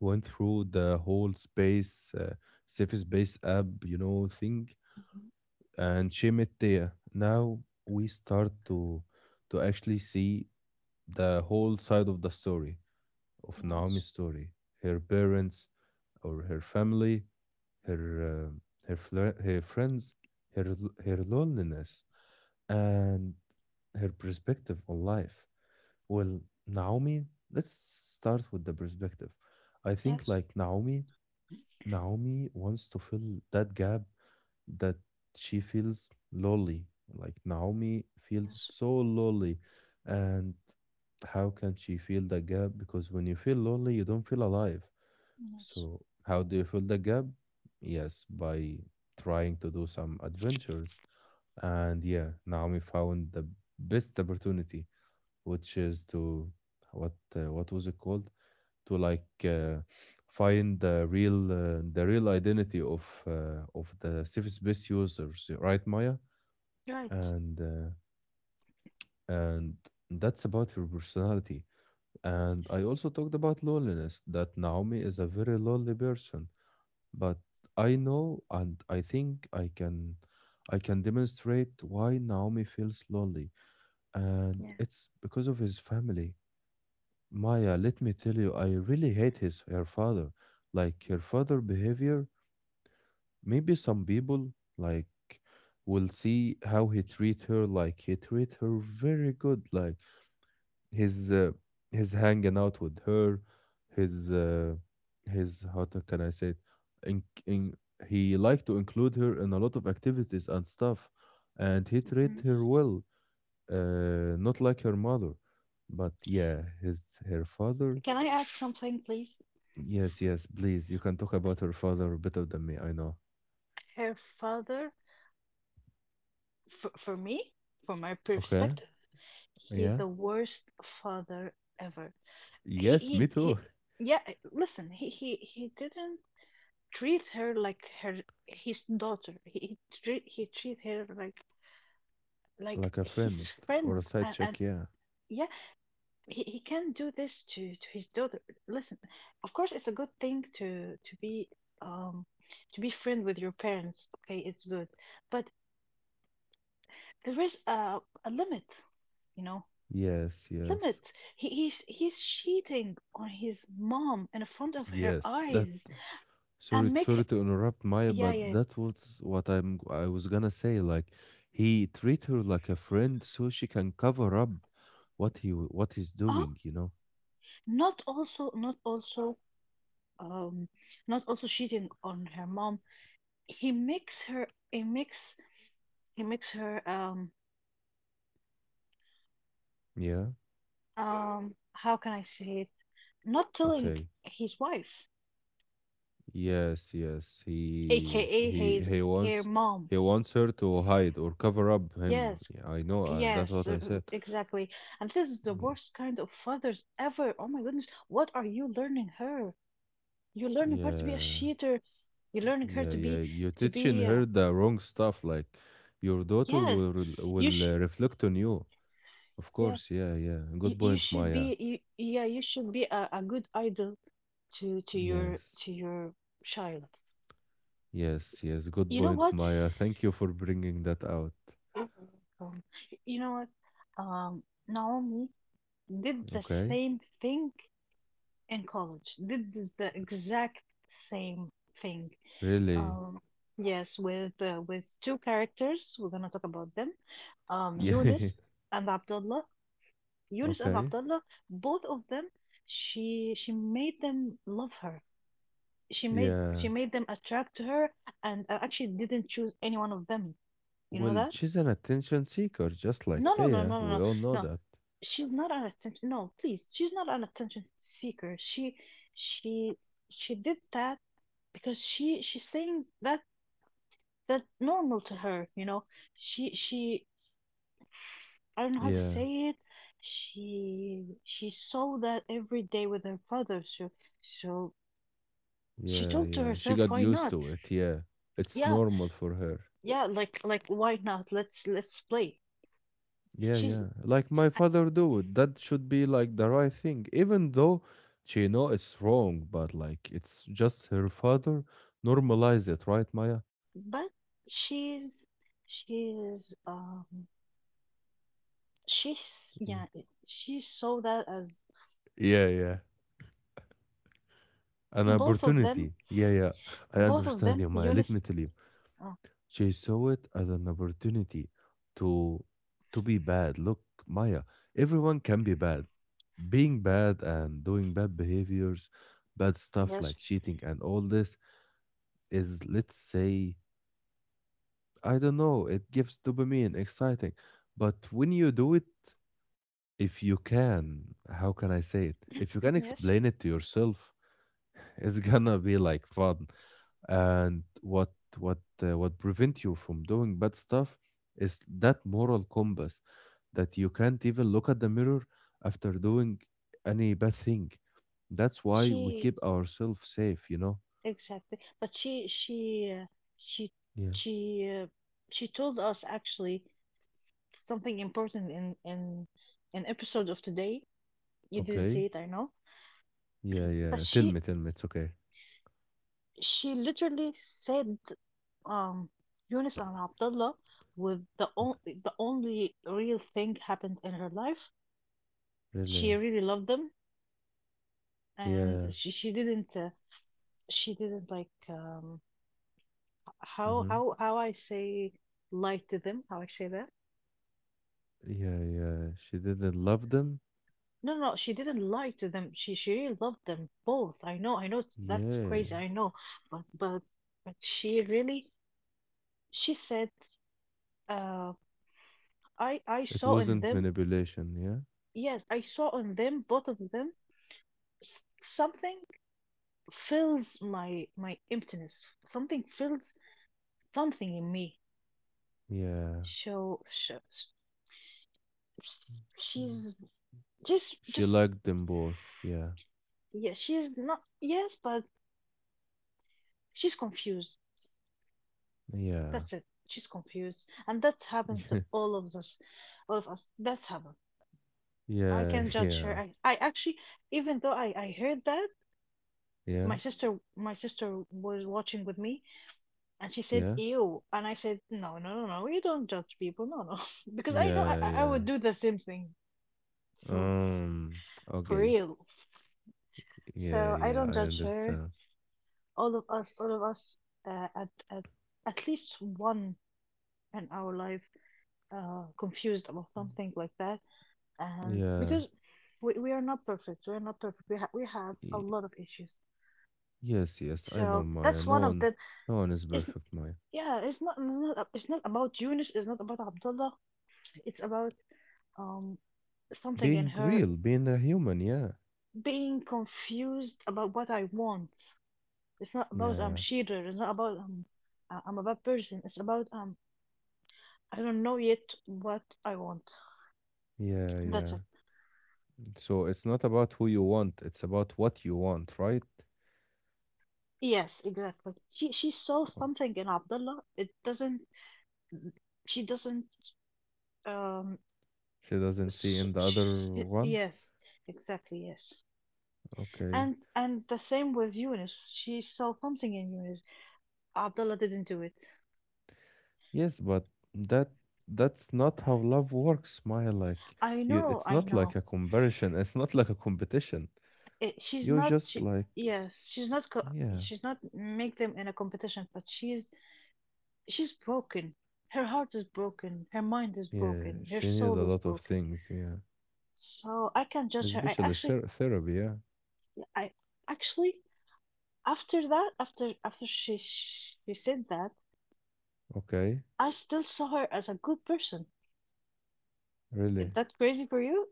S1: went through the whole space, safe space app, you know, thing,
S2: Mhm.
S1: and she met Thea, now we start to actually see the whole side of the story of
S2: Yes.
S1: Naomi's story, her parents or her family, her uh, her friends, her loneliness and her perspective on life. Well, Naomi, let's start with the perspective. I think
S2: Yes.
S1: like Naomi wants to fill that gap that she feels lonely. Like Naomi feels
S2: Yes.
S1: so lonely and how can she fill the gap? Because when you feel lonely, you don't feel alive.
S2: Yes.
S1: So how do you fill the gap? Yes, by trying to do some adventures and yeah, Naomi found the best opportunity, which is to what was it called? To like find the real identity of the Ciphyspace users, right, Maya?
S2: Right.
S1: And uh, and that's about her personality. And I also talked about loneliness. That Naomi is a very lonely person, but I know and I think I can demonstrate why Naomi feels lonely and it's because of his family. Maya, let me tell you, I really hate his her father. Like her father behavior, maybe some people like will see how he treat her. Like he treat her very good. Like his uh, his hanging out with her, his uh, his can I say it? In, in, he like to include her in a lot of activities and stuff, and he treat
S2: Mhm.
S1: her well not like her mother, but yeah, his her father.
S2: Can I add something, please?
S1: Yes, yes, please. You can talk about her father better than me, I know.
S2: Her father, for me, from my
S1: Okay.
S2: perspective. He
S1: Yeah.
S2: the worst father ever.
S1: Yes, me
S2: He
S1: too.
S2: he. Yeah, listen. He didn't treat her like her his daughter. He treat her
S1: <laughs>
S2: like
S1: Like a friend
S2: his <laughs>
S1: or a
S2: friend.
S1: side
S2: And
S1: check, yeah.
S2: yeah, he can't do this to his daughter. Listen, of course it's a good thing to be um to be friend with your parents. Okay, it's good, but there is a limit. You know,
S1: Yes, yes.
S2: limit. He's cheating on his mom in front of her
S1: Yes, that
S2: eyes
S1: sorry
S2: and make
S1: sorry to interrupt Maya,
S2: yeah
S1: but
S2: yeah
S1: that was what I was gonna say. Like he treat her like a friend so she can cover up what he's
S2: oh
S1: doing, you know?
S2: not also um not also cheating on her mom. He makes her he makes he makes her
S1: Yeah,
S2: how can I say it not telling
S1: okay.
S2: his wife
S1: Yes, yes. He
S2: aka
S1: he
S2: his
S1: he
S2: her
S1: wants
S2: mom
S1: he wants her to hide or cover up him.
S2: yes
S1: Yeah, I know. That's
S2: yes
S1: what I said.
S2: exactly. And this is the
S1: Yeah,
S2: worst kind of fathers ever. Oh my goodness, what are you learning her? You're learning her to be a
S1: yeah,
S2: cheater. You're learning her
S1: yeah,
S2: to
S1: yeah.
S2: be
S1: You're
S2: to
S1: teaching
S2: be uh,
S1: her the wrong stuff. Like your daughter
S2: yes.
S1: will re-
S2: You
S1: will uh,
S2: should.
S1: reflect on you. Of
S2: Yeah.
S1: course. Yeah, yeah.
S2: You,
S1: Good
S2: you
S1: point,
S2: should
S1: Maya.
S2: be you, yeah. You should be a good idol to to your
S1: Yes,
S2: to your child.
S1: yes, yes. Good
S2: You know
S1: point,
S2: what?
S1: Maya. Thank you for bringing that out.
S2: Um, you know what? Naomi did the
S1: Okay.
S2: same thing in college. Did the exact same thing.
S1: Really. <laughs>
S2: Um, yes, with two characters. We're gonna talk about them Yunus
S1: Yeah.
S2: and Abdullah. Yunus and
S1: Okay.
S2: Abdullah, both of them, she made them love her. She made
S1: Yeah.
S2: she made them attract to her, and I actually didn't choose any one of them. You know
S1: Well,
S2: that?
S1: she's an attention seeker, just like
S2: No, no, no, no,
S1: Taya.
S2: no,
S1: We
S2: no.
S1: all know
S2: No.
S1: that.
S2: She's not an attention. No, please, she's not an attention seeker. She she did that because she's saying that that normal to her. You know, she I don't know how to
S1: Yeah,
S2: say it. She saw that every day with her father. So. So she
S1: yeah,
S2: told to
S1: yeah. She
S2: herself,
S1: got
S2: "Why
S1: used
S2: not?
S1: to it. Yeah, it's
S2: Yeah,
S1: normal for her.
S2: yeah, like why not? Let's play."
S1: Yeah,
S2: She's
S1: yeah. Like my father do it. That should be like the right thing, even though
S2: but not
S1: she know it's wrong. But
S2: she's not
S1: like, it's
S2: feeling happy
S1: just
S2: about
S1: her
S2: that. Let
S1: father.
S2: let me say to be
S1: Normalize it,
S2: honest,
S1: right, Maya?
S2: but she's she's um she's
S1: Mm.
S2: yeah, she saw that as
S1: Yeah, yeah. An
S2: both of them
S1: opportunity. Yeah, yeah. I understand you, Maya. Let
S2: Eunice.
S1: me tell you.
S2: Oh,
S1: She saw it as an opportunity to to be bad. Look, Maya, everyone can be bad. Being bad and doing bad behaviors, bad stuff
S2: yes,
S1: like cheating and all this is, let's say, I don't know, it gives dopamine, exciting. But when you do it, if you can, how can I say it? If you can
S2: yes. Yep.
S1: explain it to yourself, <laughs> it's gonna be like fun. And what prevent you from doing bad stuff is that moral compass that you can't even look at the mirror after doing any bad thing. That's why we
S2: She
S1: keep ourselves safe, you know?
S2: Exactly. But she
S1: Yeah.
S2: she uh, she told us actually something important in an episode of today. You didn't
S1: Okay.
S2: see it, I know.
S1: Yeah,
S2: But
S1: yeah. Tell me, tell me. It's okay.
S2: she literally said um Yunus and Abdullah
S1: Okay.
S2: the only real thing happened in her life. She
S1: Really?
S2: really loved them and
S1: Yeah.
S2: she didn't like
S1: Mm-hmm.
S2: how I say lie to them, how I say that.
S1: Yeah, yeah. She didn't love them.
S2: No, no, she didn't lie to them. She really loved them both. I know it's— that's
S1: Yeah.
S2: crazy, I know. But but but she really she said uh I
S1: It
S2: saw in
S1: wasn't
S2: them
S1: manipulation. Yeah.
S2: yes, I saw in them both of them something fills my my emptiness. Something fills something in me.
S1: Yeah.
S2: So she's
S1: She
S2: just
S1: liked them both. Yeah.
S2: yeah, she's not yes, but she's confused.
S1: Yeah.
S2: That's it. She's confused. And that's happened to
S1: <laughs>
S2: all of us. All of us. That's happened. I
S1: Yeah.
S2: can not judge
S1: Yeah.
S2: her. I actually even though I heard that,
S1: Yeah.
S2: my sister was watching with me and she said,
S1: Yeah.
S2: "Ew," and I said, "No, no, no, no, you don't judge people, no no" <laughs> because I know
S1: Yeah.
S2: I
S1: Yeah.
S2: would do the same thing for
S1: Um.
S2: for
S1: Okay.
S2: real.
S1: Yeah.
S2: So I
S1: Yeah.
S2: don't
S1: I
S2: judge her.
S1: understand.
S2: All of us uh, at at at least one in our life confused about
S1: Mm.
S2: something like that and
S1: Yeah.
S2: because we are not perfect. We are not perfect. We, we have a
S1: y-
S2: lot of issues,
S1: Yes. Yes. I know,
S2: so
S1: Maya.
S2: that's
S1: No
S2: one of
S1: one.
S2: them.
S1: No one is
S2: It's
S1: perfect, Maya.
S2: yeah, it's not it's not, it's not about Eunice, it's not about Abdullah, it's about um something in
S1: Being
S2: her,
S1: real. Being a human. Yeah.
S2: being confused about what I want. It's not about
S1: Yeah.
S2: cheater, it's not about I'm a bad person. It's about I don't know yet what I want.
S1: Yeah.
S2: Mm. That's
S1: Yeah.
S2: it.
S1: So it's not about who you want. It's about what you want, right?
S2: Yes, exactly, she saw
S1: Oh,
S2: something in Abdullah. It doesn't she doesn't Um,
S1: she doesn't see
S2: s
S1: in the
S2: sh
S1: other
S2: sh
S1: one.
S2: yes, exactly, yes.
S1: Okay.
S2: And the same with Eunice. She saw something in Eunice. Abdullah didn't do it.
S1: Yes, but that that's not how love works, Maya. Like
S2: I
S1: you,
S2: know,
S1: it's
S2: I
S1: not like
S2: know.
S1: a comparison. It's not like a competition.
S2: It, she's
S1: You're
S2: not.
S1: just
S2: She,
S1: like,
S2: yes, she's not. Co
S1: yeah,
S2: she's not make them in a competition, but she's broken. Her heart is broken. Her mind is
S1: yeah.
S2: broken. Her
S1: She needed a
S2: soul is
S1: lot of
S2: broken.
S1: things, yeah,
S2: So I can't judge her. I
S1: especially
S2: actually,
S1: therapy. Yeah,
S2: I actually after that, after she said that.
S1: okay,
S2: I still saw her as a good person. Is
S1: really,
S2: that crazy for you?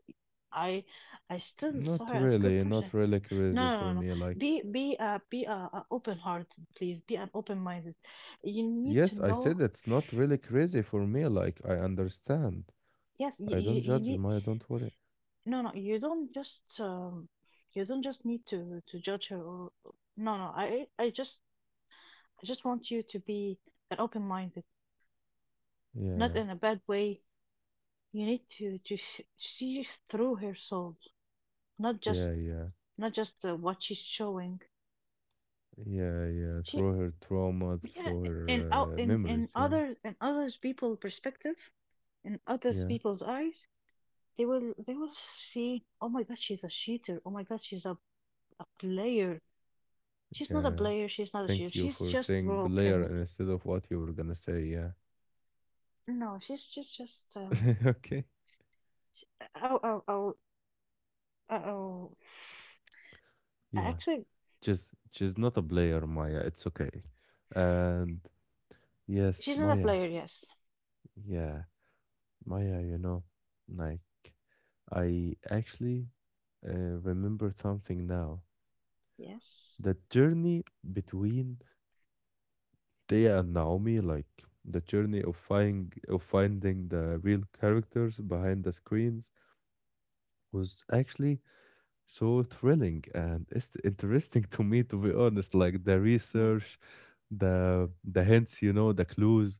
S2: I I still saw
S1: not
S2: her as good
S1: really,
S2: person.
S1: not really crazy
S2: No, no, no.
S1: for
S2: no.
S1: me. Like,
S2: Be open hearted, please. Be an open minded. You need
S1: yes,
S2: to
S1: I said
S2: know.
S1: it's not really crazy for me. Like, I understand.
S2: Yes, you,
S1: I don't
S2: you you
S1: judge,
S2: need.
S1: Maya. Don't worry.
S2: No, no. You don't just need to judge her. Or, no, no. I just want you to be an open minded, not
S1: Yeah,
S2: in a bad way. You need to see through her soul, not just
S1: yeah, yeah.
S2: what she's showing.
S1: Yeah, yeah,
S2: She
S1: through her trauma,
S2: yeah.
S1: through
S2: And
S1: her
S2: out in
S1: memories. Yeah,
S2: other in others people perspective, in others
S1: yeah,
S2: people's eyes, they will see. Oh my God, she's a cheater. Oh my God, she's a player. She's not a
S1: yeah.
S2: player. She's not a cheater.
S1: Thank you
S2: She's
S1: for
S2: just
S1: saying player
S2: broken.
S1: instead of what you were gonna say. Yeah.
S2: No, she's just just.
S1: <laughs> Okay.
S2: Oh oh oh oh. oh.
S1: Yeah.
S2: Actually,
S1: Just, she's not a player, Maya. It's okay. And yes,
S2: she's not a
S1: Maya.
S2: player. Yes,
S1: Yeah, Maya. You know, like I actually remember something now.
S2: yes,
S1: The journey between they and Naomi, like the journey of finding the real characters behind the screens was actually so thrilling and it's interesting <laughs> to me to be honest. Like the
S2: yes.
S1: research, the hints, the clues,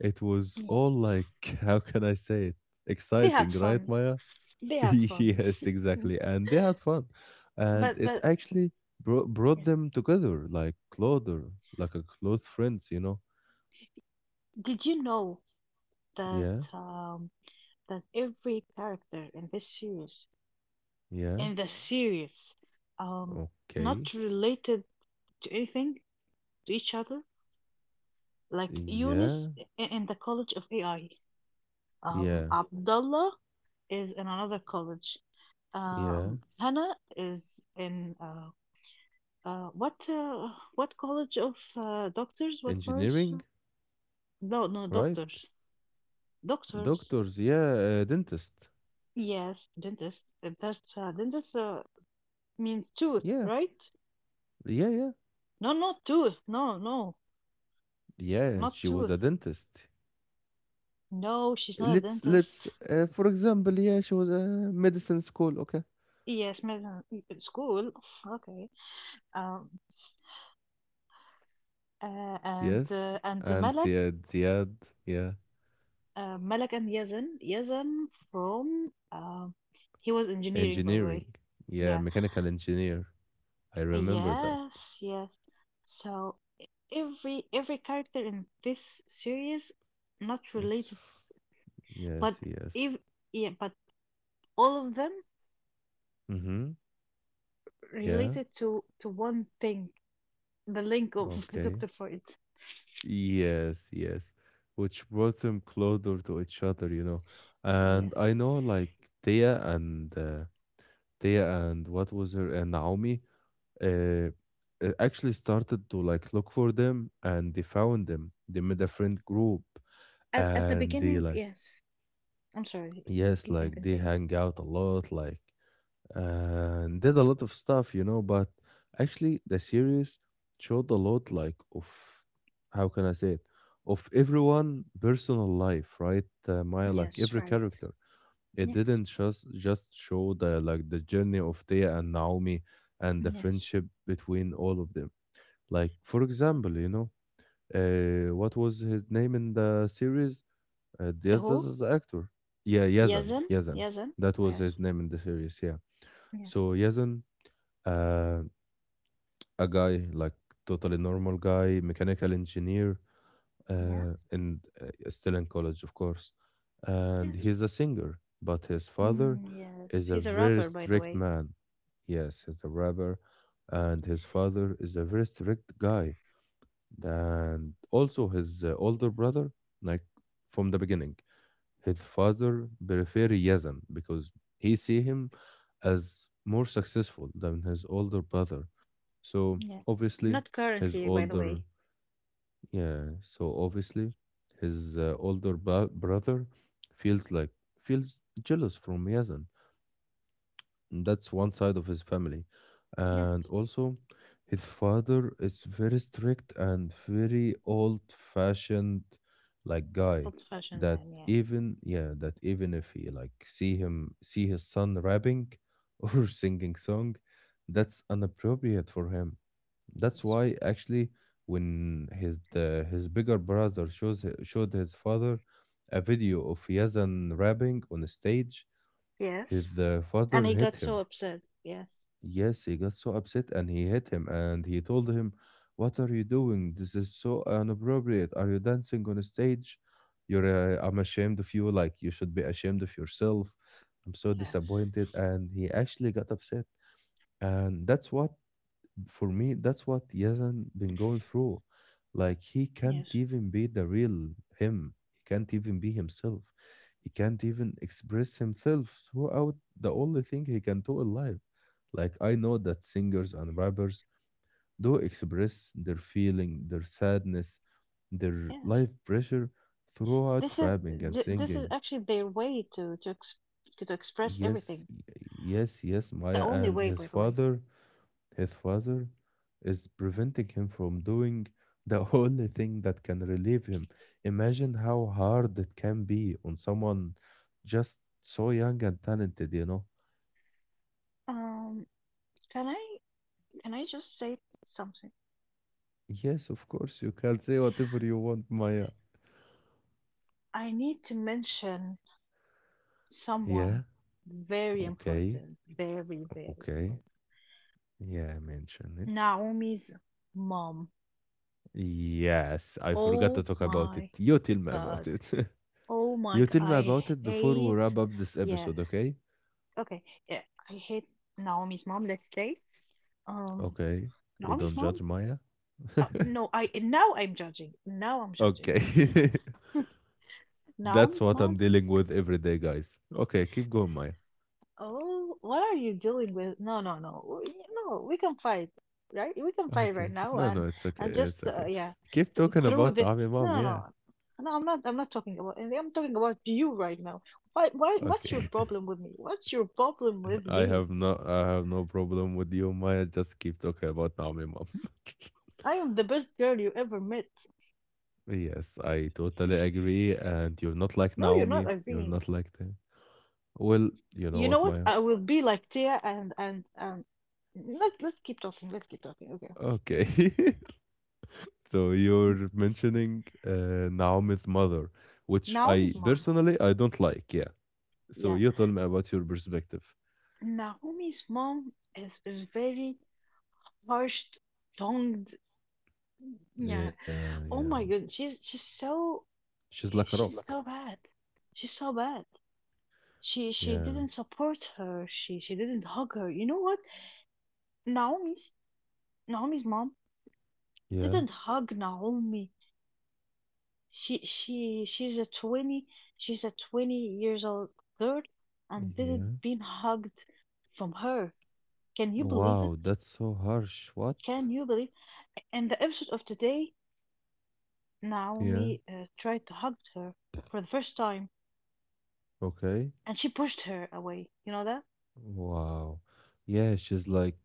S1: it was
S2: Yeah.
S1: all like <laughs> how can I say it?
S2: They
S1: Exciting,
S2: had
S1: right,
S2: fun.
S1: Maya?
S2: They
S1: <laughs>
S2: had fun.
S1: Yes,
S2: Mm.
S1: exactly. And they had fun, and it
S2: But
S1: actually brought them together like clother, like a close friends.
S2: Did you know that
S1: Yeah,
S2: um, that every character in this series,
S1: yeah.
S2: in the series, um,
S1: Okay.
S2: not related to anything to each other? Like Eunice
S1: Yeah.
S2: in the College of AI,
S1: Yeah.
S2: Abdullah is in another college.
S1: Yeah.
S2: Hannah is in uh, what uh, what college of doctors? What college?
S1: Engineering,
S2: No, no,
S1: right?
S2: doctors, doctors.
S1: Doctors, yeah, dentist.
S2: Yes, dentist. That's dentist. Means tooth,
S1: Yeah.
S2: right?
S1: Yeah, yeah.
S2: No, not tooth. No, no,
S1: Yeah,
S2: not
S1: she was a
S2: tooth.
S1: dentist.
S2: No, she's not a
S1: Let's
S2: dentist.
S1: let's uh, for example, yeah, she was a medicine school, okay?
S2: Yes, medicine school. Okay. Um.
S1: Yes.
S2: And
S1: And
S2: Malak,
S1: yeah, Ziad, yeah,
S2: Malak and Yazan, Yazan from he was engineering, by the
S1: engineering.
S2: way.
S1: Yeah,
S2: Yeah.
S1: mechanical engineer. I remember that.
S2: Yes. Yes. So e- every character in this series not
S1: Yes.
S2: related, but
S1: Yes,
S2: if
S1: yes.
S2: yeah, but all of them
S1: Mhm. Yeah.
S2: related to one thing, the link of <laughs> the
S1: Okay.
S2: Dr. Freud.
S1: Yes, yes. Which brought them closer to each other. And
S2: Yes.
S1: I know like Thea and uh, Thea and what was her and Naomi uh, actually started to like look for them and they found them. They made a friend group
S2: At the
S1: and they
S2: beginning,
S1: like
S2: yes. I'm sorry.
S1: yes,
S2: You can
S1: like they
S2: continue.
S1: hang out a lot like and did a lot of stuff. But actually, the series showed a lot, like of how can I say it, of everyone personal life, right? Maya, like
S2: Yes,
S1: every
S2: right.
S1: character, it
S2: Yes.
S1: didn't just show the journey of Thea and Naomi and the
S2: Yes.
S1: friendship between all of them. Like for example, what was his name in the series? Uh,
S2: Who?
S1: Diaz's actor, yeah, Yazan,
S2: Yazan?
S1: Yazan.
S2: Yazan?
S1: That was his
S2: Yes.
S1: name in the series, yeah.
S2: Yes.
S1: So Yazan, uh, a guy like totally normal guy, mechanical engineer, uh,
S2: Yes.
S1: and uh, still in college of course, and
S2: Yes.
S1: he's a singer, but his father
S2: Mm, yes.
S1: is a
S2: He's a
S1: very
S2: rapper, by the
S1: strict
S2: way.
S1: man. Yes, he's a rapper, and his father is a very strict guy, and also his older brother. Like from the beginning, his father prefer Yazan because he see him as more successful than his older brother. So
S2: Yeah.
S1: obviously,
S2: Not
S1: his
S2: currently, by the
S1: older
S2: way.
S1: yeah. So obviously, his older brother feels like feels jealous from Yazan. That's one side of his family. And
S2: Yes.
S1: also, his father is very strict and very old-fashioned like guy
S2: Old fashioned
S1: that
S2: man, yeah.
S1: even yeah, that even if he like see his son rapping <laughs> or singing song, that's inappropriate for him. That's
S2: Yes.
S1: why actually when his bigger brother showed his father a video of Yazan rapping on a stage,
S2: Yes.
S1: his father
S2: And he
S1: hit
S2: got so
S1: him.
S2: upset. Yes.
S1: Yes, he got so upset and he hit him and he told him, "What are you doing? This is so inappropriate. Are you dancing on a stage? I'm ashamed of you. Like, you should be ashamed of yourself. I'm so
S2: Yes.
S1: disappointed." And he actually got upset. And that's what, for me, that's what Yazan been going through. Like he can't
S2: Yes.
S1: even be the real him. He can't even be himself. He can't even express himself throughout the only thing he can do in life. Like I know that singers and rappers do express their feeling, their sadness, their
S2: Yes.
S1: life pressure throughout
S2: This is
S1: rapping and
S2: this is
S1: singing.
S2: actually their way to to express
S1: Yes,
S2: everything.
S1: yes, yes,
S2: The
S1: Maya,
S2: only
S1: and
S2: way,
S1: his
S2: by the way.
S1: father His father is preventing him from doing the <laughs> only thing that can relieve him. Imagine how hard it can be on someone just so young and talented, you know?
S2: Um, can I can I just say something?
S1: Yes, of course, you can say whatever you want, Maya.
S2: I need to mention
S1: Yeah,
S2: someone very
S1: okay,
S2: important, very very
S1: okay.
S2: important.
S1: Yeah, mention it.
S2: Naomi's mom.
S1: Yes, I forgot to
S2: Oh
S1: talk about it.
S2: my
S1: You tell me
S2: god.
S1: about it. <laughs>
S2: Oh my
S1: You
S2: god.
S1: tell me
S2: I
S1: about it before we
S2: hate.
S1: wrap up this
S2: Yes.
S1: episode, okay?
S2: Okay. Yeah. I hate Naomi's mom. Let's say. Um.
S1: Okay, we
S2: Naomi's
S1: don't
S2: mom.
S1: judge Maya. <laughs>
S2: No, I now I'm judging. Now I'm judging.
S1: Okay. <laughs> That's
S2: Naomi's
S1: what I'm
S2: mom.
S1: dealing with every day, guys. Okay, keep going, Maya.
S2: Oh, what are you dealing with? No, no, no. No, we can fight, right? We can fight
S1: Okay.
S2: right now,
S1: No, no, it's okay.
S2: and
S1: It's
S2: just
S1: okay.
S2: yeah,
S1: Keep
S2: th
S1: talking
S2: through
S1: about
S2: the.
S1: Naomi
S2: No,
S1: mom,
S2: no,
S1: yeah.
S2: no. No, I'm not. I'm not talking about anything. I'm talking about you right now. Why? Why? What's your
S1: Okay. <laughs>
S2: problem with me? What's your problem with
S1: I
S2: me?
S1: have no I have no problem with you, Maya. Just keep talking about Naomi mom. <laughs>
S2: I am the best girl you ever met.
S1: Yes, I totally agree. And you're not like
S2: No, you're
S1: Naomi.
S2: not
S1: You're
S2: agreeing.
S1: not like the well, you know
S2: You know
S1: what,
S2: what?
S1: Maya?
S2: I will be like Tia and and. Let Let's keep talking. Let's keep talking. Okay.
S1: Okay. <laughs> So you're mentioning Naomi's mother, which I
S2: Naomi's mom.
S1: personally I don't like, yeah. So
S2: Yeah.
S1: you told me about your perspective.
S2: Naomi's mom is a very harsh tongued. Yeah.
S1: Yeah, yeah.
S2: Oh my god.
S1: She's like a
S2: She's
S1: rock.
S2: Lucky. So Lucky. Bad. She's so bad. She
S1: Yeah,
S2: didn't support her. She didn't hug her. You know what? Naomi's Naomi's mom
S1: yeah,
S2: didn't hug Naomi. She she she's a twenty she's a 20 years old girl and
S1: yeah.
S2: didn't been hugged from her. Can you believe
S1: Wow,
S2: it?
S1: that's so harsh. What?
S2: Can you believe In the episode of today,
S1: Yeah,
S2: Naomi tried to hug her for the first time,
S1: okay.
S2: and she pushed her away. You know that?
S1: Wow. Yeah, she's like,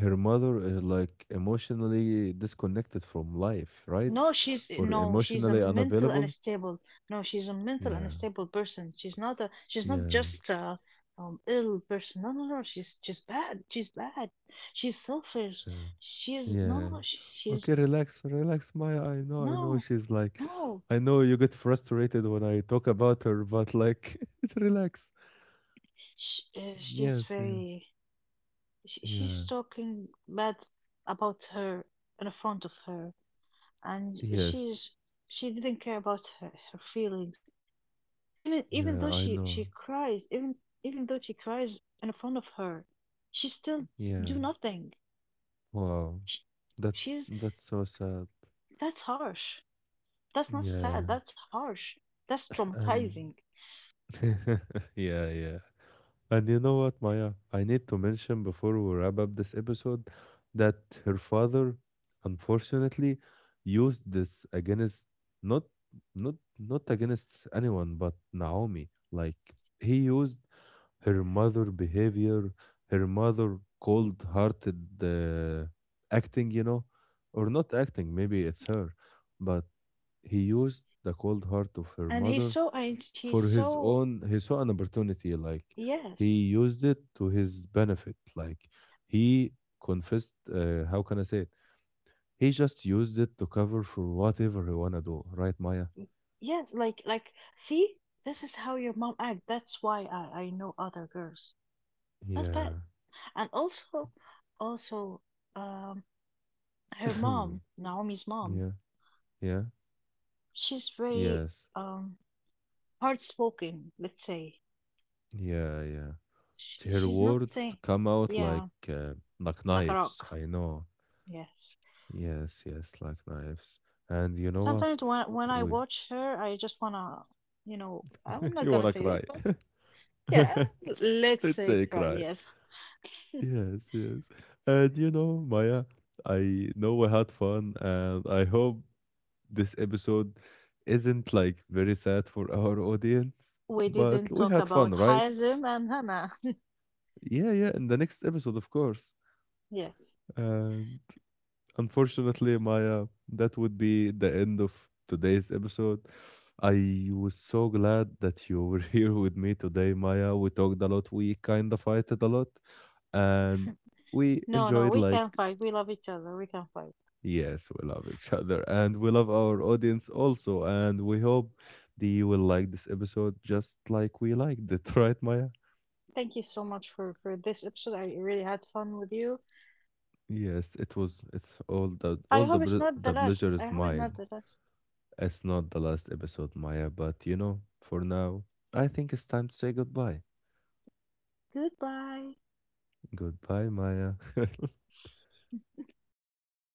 S1: her mother is like emotionally disconnected from life, right?
S2: No, she's eh,
S1: Or
S2: no, she's a
S1: emotionally
S2: mental
S1: unavailable.
S2: unstable. No, she's a mental
S1: Yeah,
S2: unstable person. She's not
S1: yeah,
S2: just a ill person. No, no, no. She's bad. She's bad. She's selfish.
S1: yeah.
S2: She's no, no.
S1: Yeah.
S2: no, She, she's
S1: Okay, relax, relax, Maya. I know, I know.
S2: no,
S1: She's like,
S2: no.
S1: I know you get frustrated when I talk about her, but like, <laughs> relax.
S2: She, she's
S1: Yes, yeah,
S2: very.
S1: yeah,
S2: She's talking bad about her in front of her and
S1: yes,
S2: she didn't care about her, her feelings, even
S1: yeah.
S2: though
S1: I
S2: she
S1: know.
S2: cries, even though she cries in front of her, she still
S1: Yeah.
S2: do nothing.
S1: Wow.
S2: She,
S1: That
S2: she's
S1: that's so sad.
S2: That's harsh. That's not
S1: Yeah.
S2: sad, that's harsh. That's
S1: <laughs> And
S2: traumatizing.
S1: <laughs> yeah, yeah. And you know what, Maya? I need to mention before we wrap up this episode that her father, unfortunately, used this against not not not against anyone but Naomi. Like he used her mother behavior, her mother cold-hearted acting, or not acting. Maybe it's her, but he used the cold heart of her
S2: And he's
S1: mother
S2: so I
S1: for
S2: he's
S1: his
S2: so
S1: own. He saw an opportunity. Like he
S2: yes
S1: used it to his benefit. Like he confessed, how can I say it, he just used it to cover for whatever he wanna do, right, Maya?
S2: yes like see this is how your mom act. That's why I know other girls that's bad.
S1: Yeah.
S2: And also also um her mom,
S1: <coughs>
S2: Naomi's
S1: <clears throat>
S2: mom,
S1: Yeah. Yeah.
S2: she's very
S1: Yes.
S2: um hard spoken, let's say.
S1: Yeah. Yeah.
S2: She
S1: Her
S2: she's not
S1: words
S2: saying
S1: come out like
S2: yeah,
S1: uh, like
S2: like a
S1: knives,
S2: rock.
S1: I know.
S2: Yes.
S1: Yes, yes, like knives. And you know what,
S2: Sometimes when I
S1: we
S2: watch her, I just wanna, you know, I'm
S1: <laughs>
S2: not
S1: you
S2: gonna
S1: wanna
S2: say it,
S1: cry.
S2: but yeah,
S1: <laughs>
S2: <laughs> let's
S1: Let's
S2: say
S1: say
S2: cry,
S1: cry.
S2: yes.
S1: Yes, yes. And you know, Maya, I know we had fun, and I hope this episode isn't like very sad for our audience,
S2: We
S1: but
S2: didn't
S1: we
S2: talk
S1: had fun,
S2: about
S1: right?
S2: Hazim and Hannah. <laughs>
S1: Yeah, yeah, in the next episode, of course.
S2: Yes.
S1: And unfortunately, Maya, that would be the end of today's episode. I was so glad that you were <laughs> here with me today, Maya. We talked a lot, we kind of fighted a lot, and we
S2: No, no,
S1: enjoyed
S2: we
S1: like.
S2: can fight. We love each other. We can fight.
S1: Yes, we love each other and we love our audience also. And we hope they will like this episode just like we liked it, <laughs> right, Maya?
S2: Thank you so much for this episode. I really had fun with you.
S1: Yes, it was. It's all the all
S2: I
S1: the
S2: hope it's
S1: ple-
S2: not the
S1: the
S2: last.
S1: pleasure
S2: I
S1: is
S2: hope it's not
S1: mine.
S2: the last.
S1: It's not the last episode, Maya. But you know, for now, I think it's time to say goodbye.
S2: Goodbye.
S1: Goodbye, Maya. <laughs>